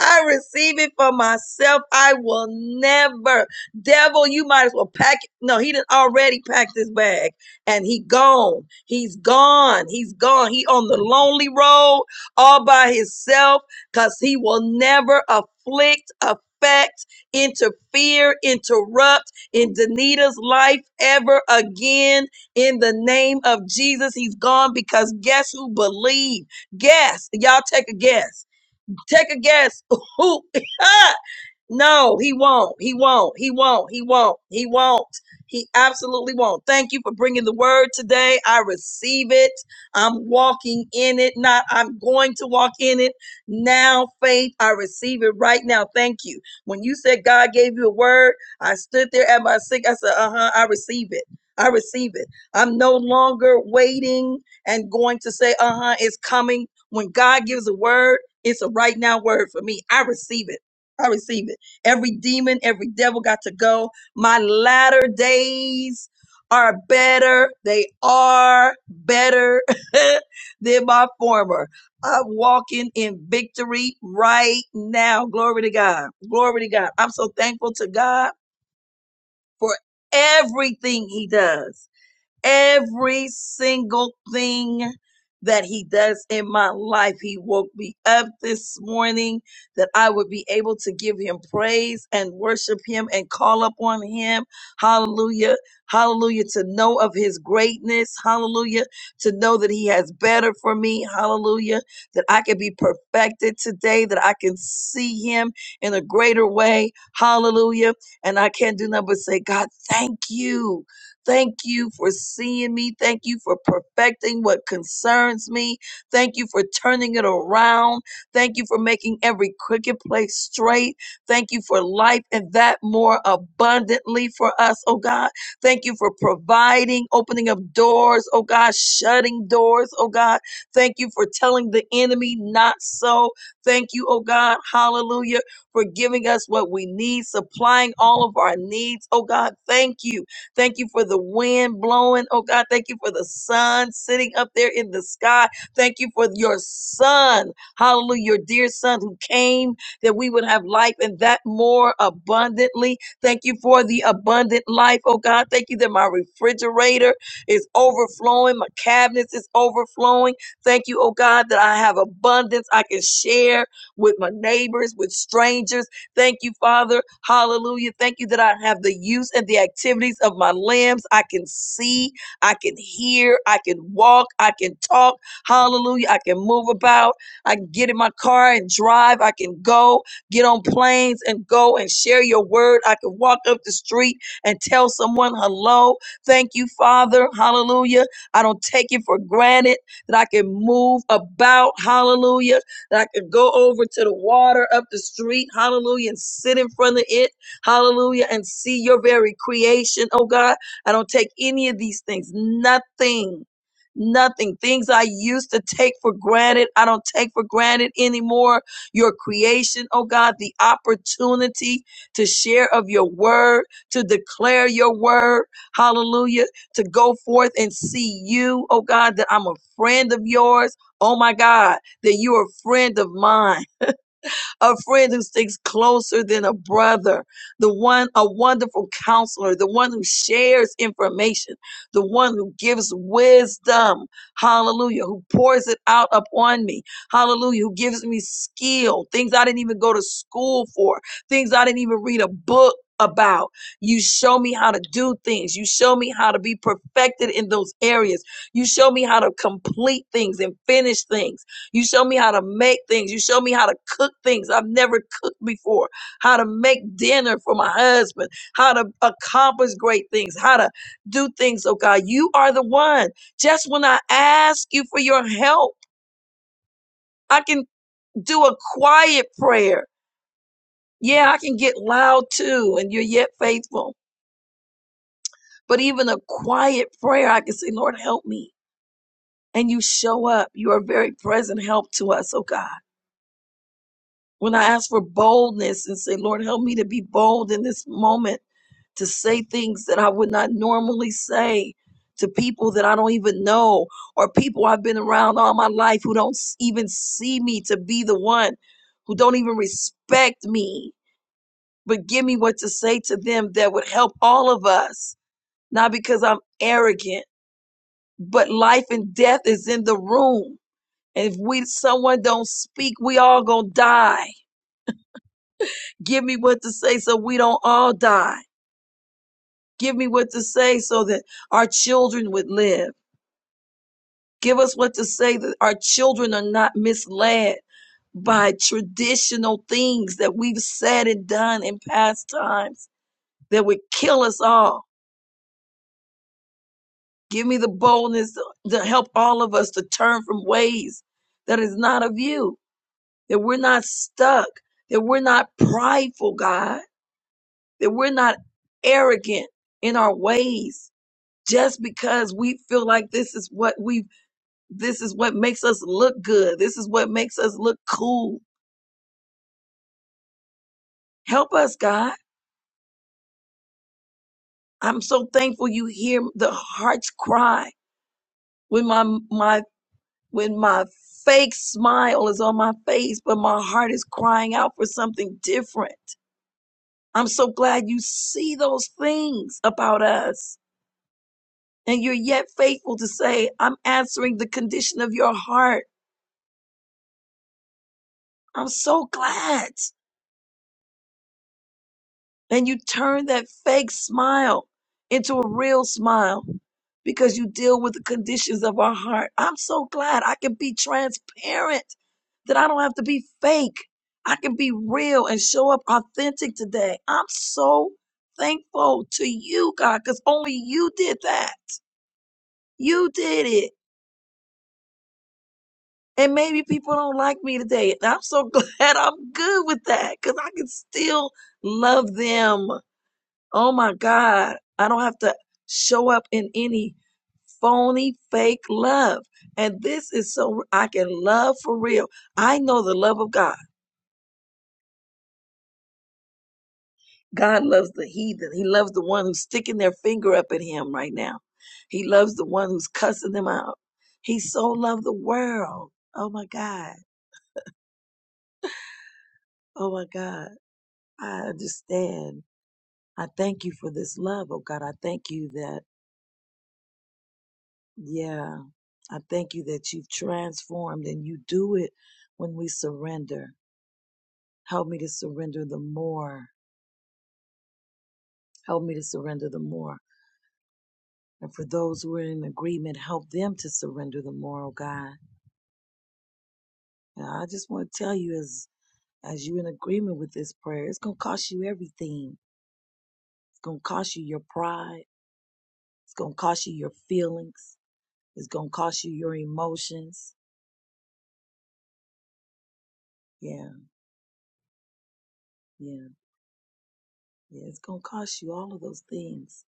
S5: I receive it for myself. I will never. Devil, you might as well pack it. No, he didn't already pack this bag and he gone. He's gone. He's gone. He on the lonely road all by himself because he will never afflict, affect, interfere, interrupt in Danita's life ever again. In the name of Jesus, he's gone because guess who believed? Guess. Y'all take a guess Take a guess who Huh? No, he won't. He won't. He won't. He won't. He won't. He absolutely won't. Thank you for bringing the word today. I receive it. I'm walking in it. Not I'm going to walk in it. Now, faith, I receive it right now. Thank you. When you said God gave you a word, I stood there at my sick. I said, "Uh-huh, I receive it." I receive it. I'm no longer waiting and going to say, "Uh-huh, it's coming." When God gives a word, it's a right now word for me. I receive it. I receive it. Every demon, every devil got to go. My latter days are better. They are better than my former. I'm walking in victory right now. Glory to God. Glory to God. I'm so thankful to God for everything He does. Every single thing that he does in my life, he woke me up this morning that I would be able to give him praise and worship him and call upon him. Hallelujah. Hallelujah. To know of his greatness. Hallelujah. To know that he has better for me. Hallelujah. That I can be perfected today, that I can see him in a greater way. Hallelujah. And I can't do nothing but say, God, thank you. Thank you for seeing me. Thank you for perfecting what concerns me. Thank you for turning it around. Thank you for making every crooked place straight. Thank you for life and that more abundantly for us, oh God. Thank you for providing, opening up doors, oh God, shutting doors, oh God. Thank you for telling the enemy not so. Thank you, oh God, hallelujah, for giving us what we need, supplying all of our needs, oh God. Thank you. Thank you for the wind blowing, oh God. Thank you for the sun sitting up there in the sky. Thank you for your son, hallelujah, your dear son who came that we would have life and that more abundantly. Thank you for the abundant life, oh God. Thank you that my refrigerator is overflowing, my cabinets is overflowing. Thank you, oh God, that I have abundance I can share with my neighbors, with strangers. Thank you, Father. Hallelujah. Thank you that I have the use and the activities of my limbs. I can see, I can hear, I can walk, I can talk. Hallelujah. I can move about. I can get in my car and drive. I can go get on planes and go and share your word. I can walk up the street and tell someone hello. Thank you, Father. Hallelujah. I don't take it for granted that I can move about. Hallelujah that I could go over to the water up the street, hallelujah, and sit in front of it, hallelujah, and see your very creation, oh God. I don't take any of these things, nothing. Nothing. Things I used to take for granted, I don't take for granted anymore. Your creation, oh God, the opportunity to share of your word, to declare your word, hallelujah, to go forth and see you, oh God, that I'm a friend of yours. Oh my God that you're a friend of mine, a friend who sticks closer than a brother, the one, a wonderful counselor, the one who shares information, the one who gives wisdom, hallelujah, who pours it out upon me, hallelujah, who gives me skill, things I didn't even go to school for, things I didn't even read a book about. You show me how to do things. You show me how to be perfected in those areas. You show me how to complete things and finish things. You show me how to make things. You show me how to cook things I've never cooked before, how to make dinner for my husband, how to accomplish great things, how to do things. Oh God, you are the one. Just when I ask you for your help, I can do a quiet prayer. Yeah, I can get loud too, and you're yet faithful. But even a quiet prayer, I can say, Lord, help me. And you show up. You are very present help to us, oh God. When I ask for boldness and say, Lord, help me to be bold in this moment to say things that I would not normally say to people that I don't even know or people I've been around all my life who don't s- even see me to be the one, who don't even respect me, but give me what to say to them that would help all of us, not because I'm arrogant, but life and death is in the room. And if we someone don't speak, we all gonna die. Give me what to say so we don't all die. Give me what to say so that our children would live. Give us what to say that our children are not misled by traditional things that we've said and done in past times that would kill us all. Give me the boldness to to help all of us to turn from ways that is not of you, that we're not stuck, that we're not prideful, God, that we're not arrogant in our ways just because we feel like this is what we this is what makes us look good this is what makes us look cool help us god i'm so thankful you hear the heart's cry when my my when my fake smile is on my face but my heart is crying out for something different i'm so glad you see those things about us and you're yet faithful to say i'm answering the condition of your heart i'm so glad And you turn that fake smile into a real smile because you deal with the conditions of our heart. I'm so glad I can be transparent, that I don't have to be fake. I can be real and show up authentic today. I'm so thankful to you, God, because only you did that. You did it. And maybe people don't like me today. And I'm so glad I'm good with that because I can still love them. Oh my God, I don't have to show up in any phony, fake love. And this is so I can love for real. I know the love of God. God loves the heathen. He loves the one who's sticking their finger up at him right now. He loves the one who's cussing them out. He so loved the world. Oh my God. Oh my God. I understand. I thank you for this love, oh God. I thank you that Yeah. I thank you that you've transformed and you do it when we surrender. Help me to surrender the more. Help me to surrender the more. And for those who are in agreement, help them to surrender the more, oh God. And I just want to tell you as as you're in agreement with this prayer, it's gonna cost you everything. It's gonna cost you your pride. It's gonna cost you your feelings. It's gonna cost you your emotions. Yeah, yeah, yeah. It's gonna cost you all of those things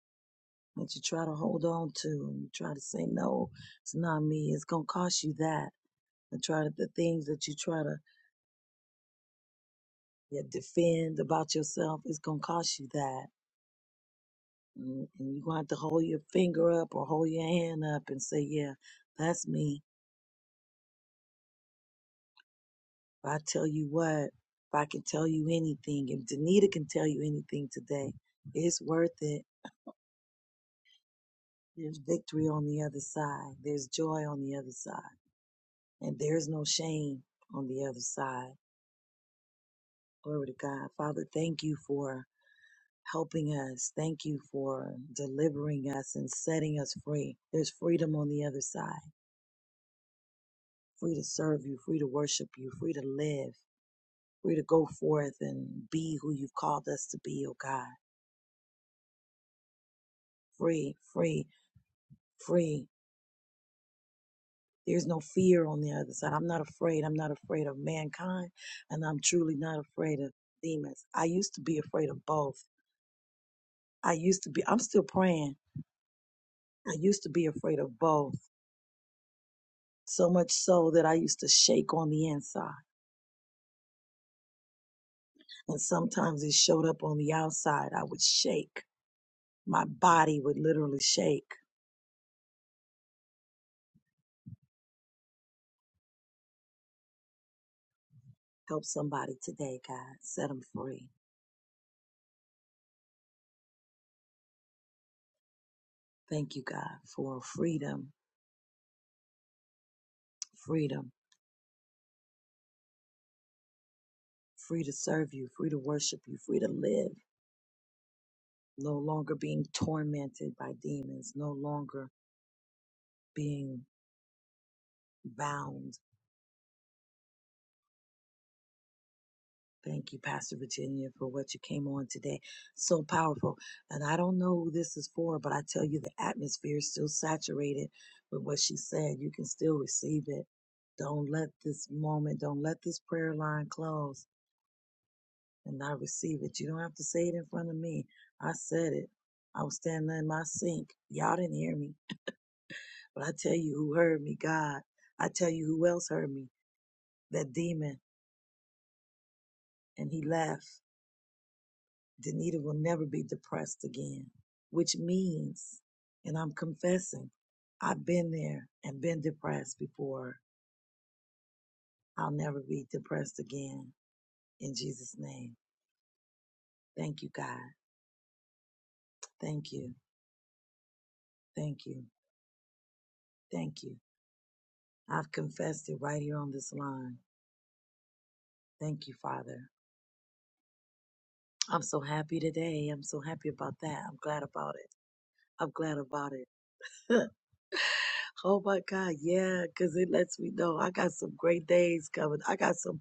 S5: that you try to hold on to and you try to say no it's not me it's going to cost you that and try to the things that you try to yeah, defend about yourself it's going to cost you that and, and you're going to have to hold your finger up or hold your hand up and say yeah that's me but i tell you what if i can tell you anything if danita can tell you anything today it's worth it there's victory on the other side there's joy on the other side and there's no shame on the other side Glory to God. Father, thank you for helping us. Thank you for delivering us and setting us free. There's freedom on the other side free to serve you, free to worship you, free to live, free to go forth and be who you've called us to be, oh God. Free, free, free. There's no fear on the other side. I'm not afraid. I'm not afraid of mankind, and I'm truly not afraid of demons. I used to be afraid of both. I used to be, I'm still praying. I used to be afraid of both So much so that I used to shake on the inside. And sometimes it showed up on the outside. I would shake. My body would literally shake. Help somebody today, God. Set them free. Thank you, God, for freedom, freedom, free to serve you, free to worship you, free to live. No longer being tormented by demons, no longer being bound Thank you, Pastor Virginia, for what you came on today. So powerful. And I don't know who this is for, but I tell you, the atmosphere is still saturated with what she said. You can still receive it. Don't let this moment, don't let this prayer line close and not receive it. You don't have to say it in front of me. I said it. I was standing in my sink. Y'all didn't hear me. But I tell you who heard me, God. I tell you who else heard me, that demon. And he left. Danita will never be depressed again, which means, and I'm confessing, I've been there and been depressed before. I'll never be depressed again in Jesus' name. Thank you, God. Thank you. Thank you. Thank you. I've confessed it right here on this line. Thank you, Father. I'm so happy today. I'm so happy about that. I'm glad about it. I'm glad about it. Oh my God, yeah, because it lets me know I got some great days coming. I got some,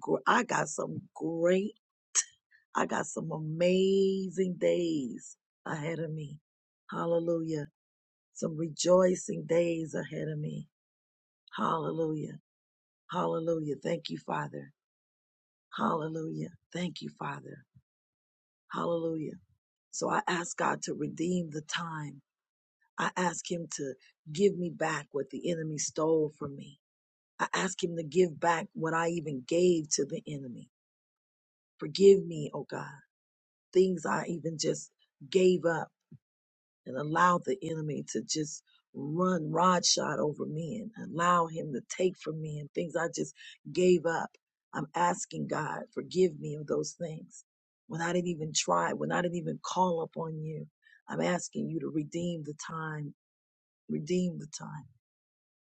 S5: gr- I got some great, I got some amazing days ahead of me. Hallelujah. Some rejoicing days ahead of me. Hallelujah. Hallelujah. Thank you, Father. Hallelujah. Thank you, Father. Hallelujah. So I ask God to redeem the time. I ask Him to give me back what the enemy stole from me. I ask him to give back what I even gave to the enemy. Forgive me, oh God, things I even just gave up and allowed the enemy to just run shot over me and allow him to take from me and things I just gave up. I'm asking God, forgive me of those things when I didn't even try, when I didn't even call upon you. I'm asking you to redeem the time, redeem the time.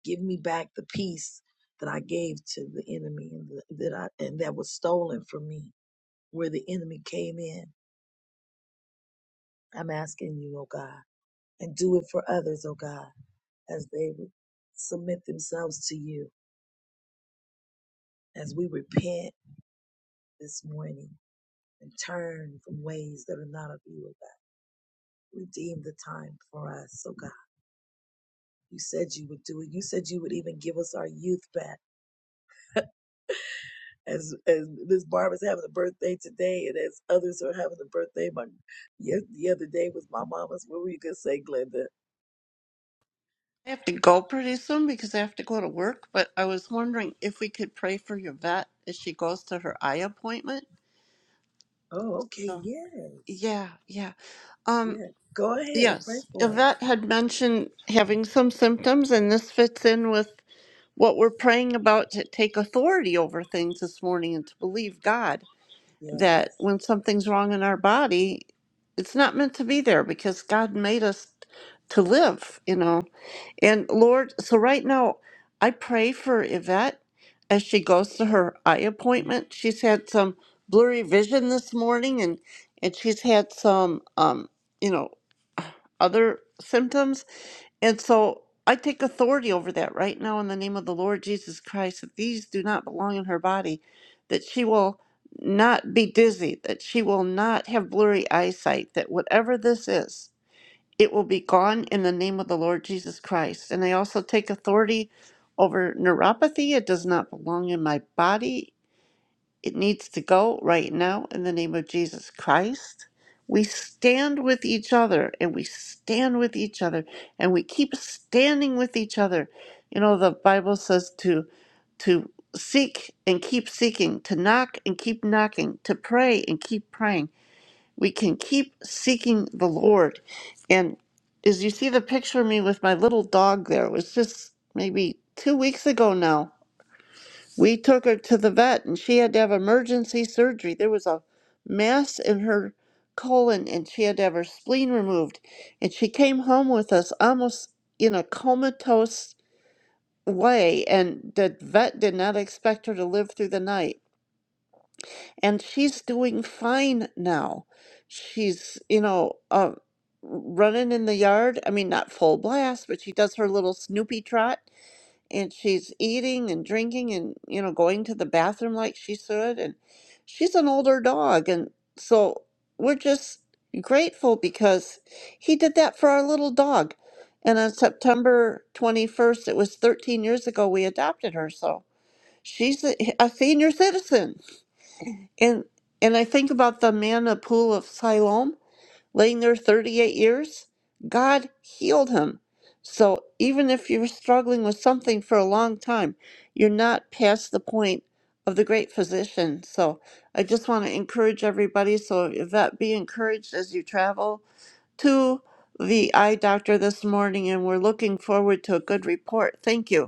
S5: Give me back the peace that I gave to the enemy and that I and that was stolen from me where the enemy came in. I'm asking you, oh God, and do it for others, oh God, as they re- submit themselves to you, as we repent this morning and turn from ways that are not of you, oh God. Redeem the time for us, oh God. You said you would do it. You said you would even give us our youth back. as as Miss Barbara's having a birthday today, and as others are having a birthday. My yes, the other day was my mama's. What were you gonna say, Glenda?
S6: I have to go pretty soon because I have to go to work, but I was wondering if we could pray for your vet as she goes to her eye appointment.
S5: Oh, okay,
S6: So,
S5: yes,
S6: yeah, yeah. Um,
S5: yeah. Go ahead, pray
S6: yes,
S5: for her.
S6: Yvette had mentioned having some symptoms, and this fits in with what we're praying about to take authority over things this morning and to believe God that
S5: Yes.
S6: when something's wrong in our body, it's not meant to be there because God made us to live, you know. And Lord, so right now, I pray for Yvette as she goes to her eye appointment. She's had some blurry vision this morning, and and she's had some, um, you know, other symptoms. And so I take authority over that right now in the name of the Lord Jesus Christ. That these do not belong in her body. That she will not be dizzy. That she will not have blurry eyesight. That whatever this is it will be gone in the name of the Lord Jesus Christ. And I also take authority over neuropathy. It does not belong in my body. It needs to go right now in the name of Jesus Christ. We stand with each other and we stand with each other and we keep standing with each other. You know, the Bible says to to seek and keep seeking, to knock and keep knocking, to pray and keep praying we can keep seeking the Lord. And as you see the picture of me with my little dog there, it was just maybe two weeks ago now. We took her to the vet and she had to have emergency surgery. There was a mass in her colon and she had to have her spleen removed. And she came home with us almost in a comatose way. And the vet did not expect her to live through the night and she's doing fine now. She's, you know, uh, running in the yard. I mean, not full blast, but she does her little Snoopy trot, and she's eating and drinking and, you know, going to the bathroom like she should. And she's an older dog. And so we're just grateful because he did that for our little dog. And on September 21st, it was 13 years ago, we adopted her. So she's a, a senior citizen and and I think about the man at the pool of Siloam, laying there 38 years. God healed him. So even if you're struggling with something for a long time, you're not past the point of the great physician. So I just want to encourage everybody. So Yvette, be encouraged as you travel to the eye doctor this morning, and we're looking forward to a good report. Thank you.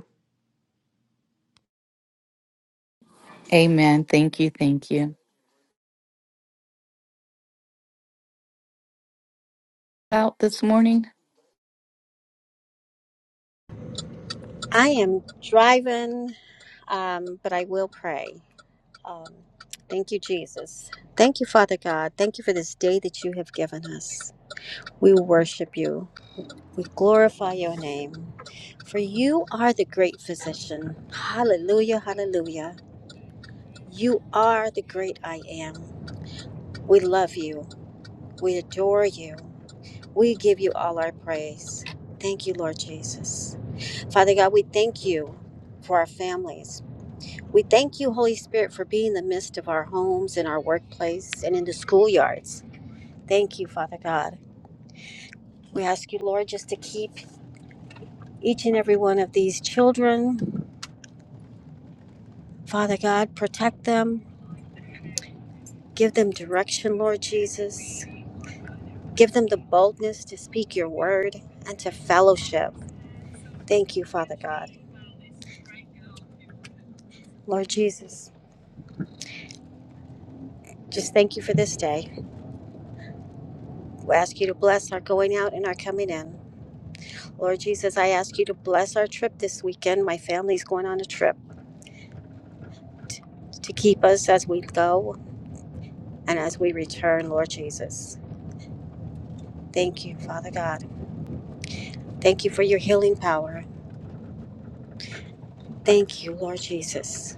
S2: Amen. Thank you. Thank you. Out this morning?
S7: I am driving, um, but I will pray. Um, thank you, Jesus. Thank you, Father God. Thank you for this day that you have given us. We worship you. We glorify your name. For you are the great physician. Hallelujah, hallelujah. You are the great I am. We love you. We adore you. We give you all our praise. Thank you, Lord Jesus. Father God, we thank you for our families. We thank you, Holy Spirit, for being in the midst of our homes, in our workplace, and in the schoolyards. Thank you, Father God. We ask you, Lord, just to keep each and every one of these children. Father God, protect them. Give them direction, Lord Jesus. Give them the boldness to speak your word and to fellowship. Thank you, Father God. Lord Jesus, just thank you for this day. We ask you to bless our going out and our coming in. Lord Jesus, I ask you to bless our trip this weekend. My family's going on a trip. to keep us as we go and as we return, Lord Jesus. Thank you, Father God. Thank you for your healing power. Thank you, Lord Jesus.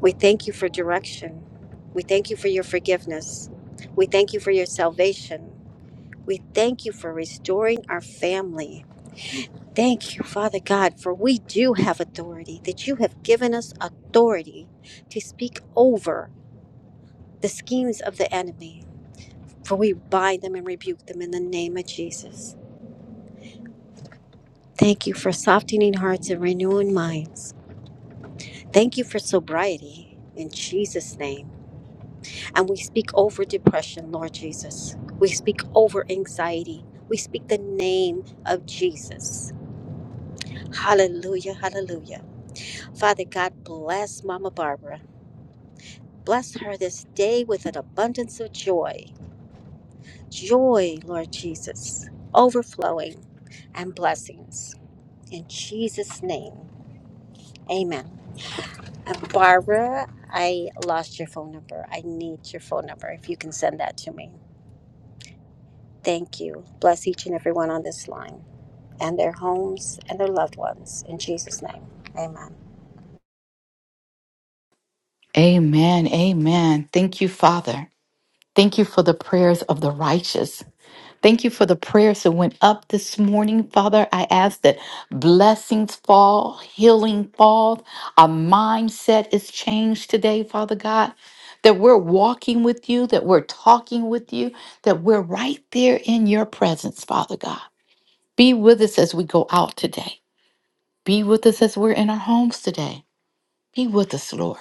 S7: We thank you for direction. We thank you for your forgiveness. We thank you for your salvation. We thank you for restoring our family. Thank you, Father God, for we do have authority, that you have given us authority to speak over the schemes of the enemy. For we bind them and rebuke them in the name of Jesus. Thank you for softening hearts and renewing minds. Thank you for sobriety in Jesus' name. And we speak over depression, Lord Jesus. We speak over anxiety. We speak the name of Jesus. Hallelujah, hallelujah. Father God, bless Mama Barbara. Bless her this day with an abundance of joy. Joy, Lord Jesus, overflowing and blessings. In Jesus' name, amen. Uh, Barbara, I lost your phone number. I need your phone number if you can send that to me. Thank you. Bless each and everyone on this line and their homes and their loved ones. In Jesus' name, amen.
S2: Amen. Amen. Thank you, Father. Thank you for the prayers of the righteous. Thank you for the prayers that went up this morning, Father. I ask that blessings fall, healing falls. Our mindset is changed today, Father God. That we're walking with you, that we're talking with you, that we're right there in your presence, Father God. Be with us as we go out today. Be with us as we're in our homes today. Be with us, Lord.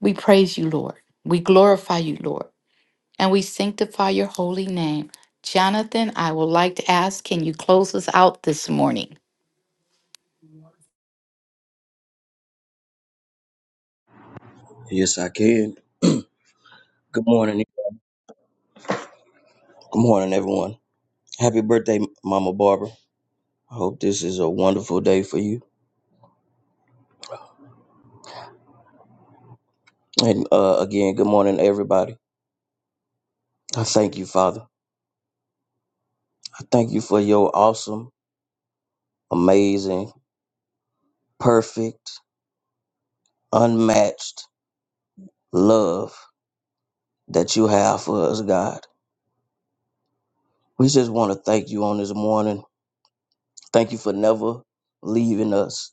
S2: We praise you, Lord. We glorify you, Lord and we sanctify your holy name. Jonathan, I would like to ask, can you close us out this morning?
S8: Yes, I can. Good morning. Good morning, everyone. Happy birthday, Mama Barbara. I hope this is a wonderful day for you. And uh, again, good morning, everybody. I thank you, Father. I thank you for your awesome, amazing, perfect, unmatched love that you have for us, God. We just want to thank you on this morning. Thank you for never leaving us,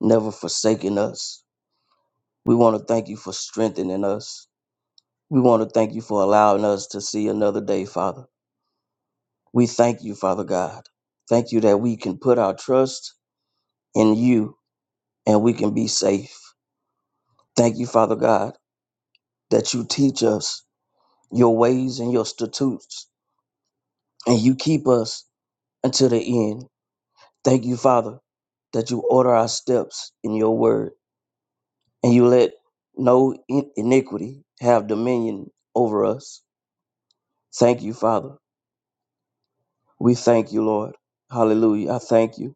S8: never forsaking us. We want to thank you for strengthening us. We want to thank you for allowing us to see another day, Father. We thank you, Father God. Thank you that we can put our trust in you and we can be safe. Thank you, Father God, that you teach us your ways and your statutes and you keep us until the end. Thank you, Father, that you order our steps in your word and you let no in- iniquity have dominion over us. Thank you, Father. We thank you, Lord. Hallelujah. I thank you.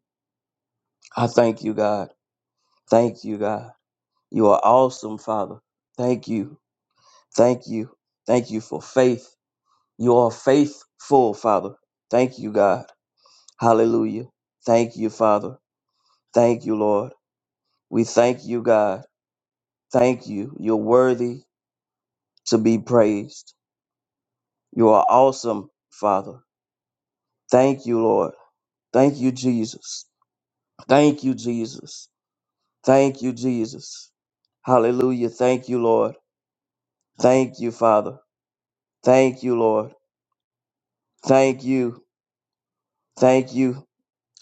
S8: I thank you, God. Thank you, God. You are awesome, Father. Thank you. Thank you. Thank you for faith. You are faithful, Father. Thank you, God. Hallelujah. Thank you, Father. Thank you, Lord. We thank you, God. Thank you. You're worthy to be praised. You are awesome, Father. Thank you, Lord. Thank you, Jesus. Thank you, Jesus. Thank you, Jesus. Hallelujah. Thank you, Lord. Thank you, Father. Thank you, Lord. Thank you. Thank you.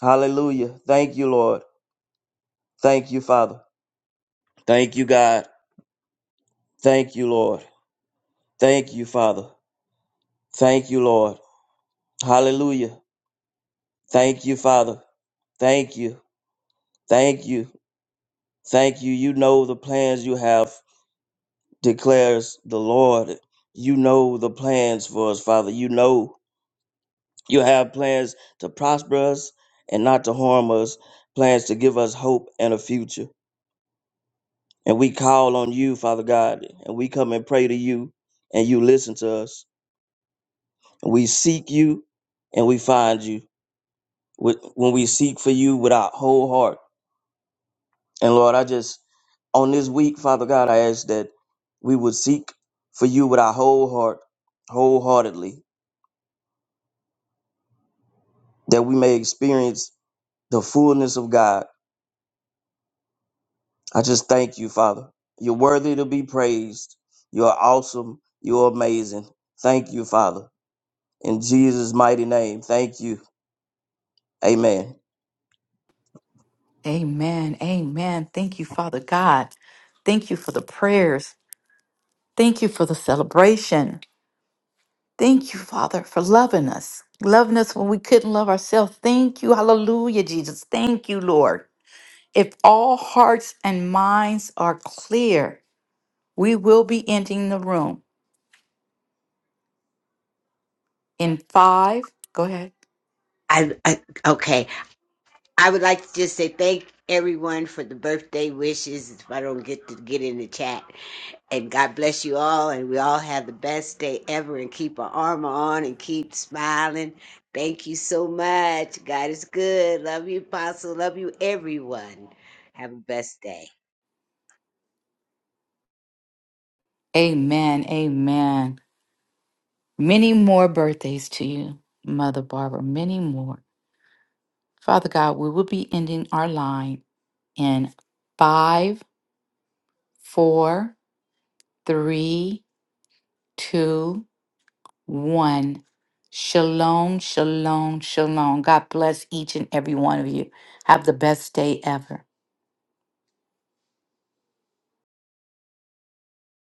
S8: Hallelujah. Thank you, Lord. Thank you, Father. Thank you, God. Thank you, Lord. Thank you, Father. Thank you, Lord. Hallelujah. Thank you, Father. Thank you. Thank you. Thank you. You know the plans you have, declares the Lord. You know the plans for us, Father. You know you have plans to prosper us and not to harm us, plans to give us hope and a future. And we call on you, Father God, and we come and pray to you, and you listen to us. And we seek you, and we find you with- when we seek for you with our whole heart. And Lord, I just, on this week, Father God, I ask that we would seek for you with our whole heart, wholeheartedly, that we may experience the fullness of God. I just thank you, Father. You're worthy to be praised. You're awesome. You're amazing. Thank you, Father. In Jesus' mighty name. Thank you. Amen.
S2: Amen. Amen. Thank you, Father God. Thank you for the prayers. Thank you for the celebration. Thank you, Father, for loving us, loving us when we couldn't love ourselves. Thank you. Hallelujah, Jesus. Thank you, Lord. If all hearts and minds are clear, we will be ending the room in five. Go ahead.
S3: I, I okay. I would like to just say thank everyone for the birthday wishes. If I don't get to get in the chat, And God bless you all, and we all have the best day ever, and keep our armor on and keep smiling. Thank you so much. God is good. Love you, Apostle. Love you, everyone. Have a best day.
S2: Amen. Amen. Many more birthdays to you, Mother Barbara, many more. Father God, we will be ending our line in five, four, three, two, one. Shalom, shalom, shalom. God bless each and every one of you. Have the best day ever.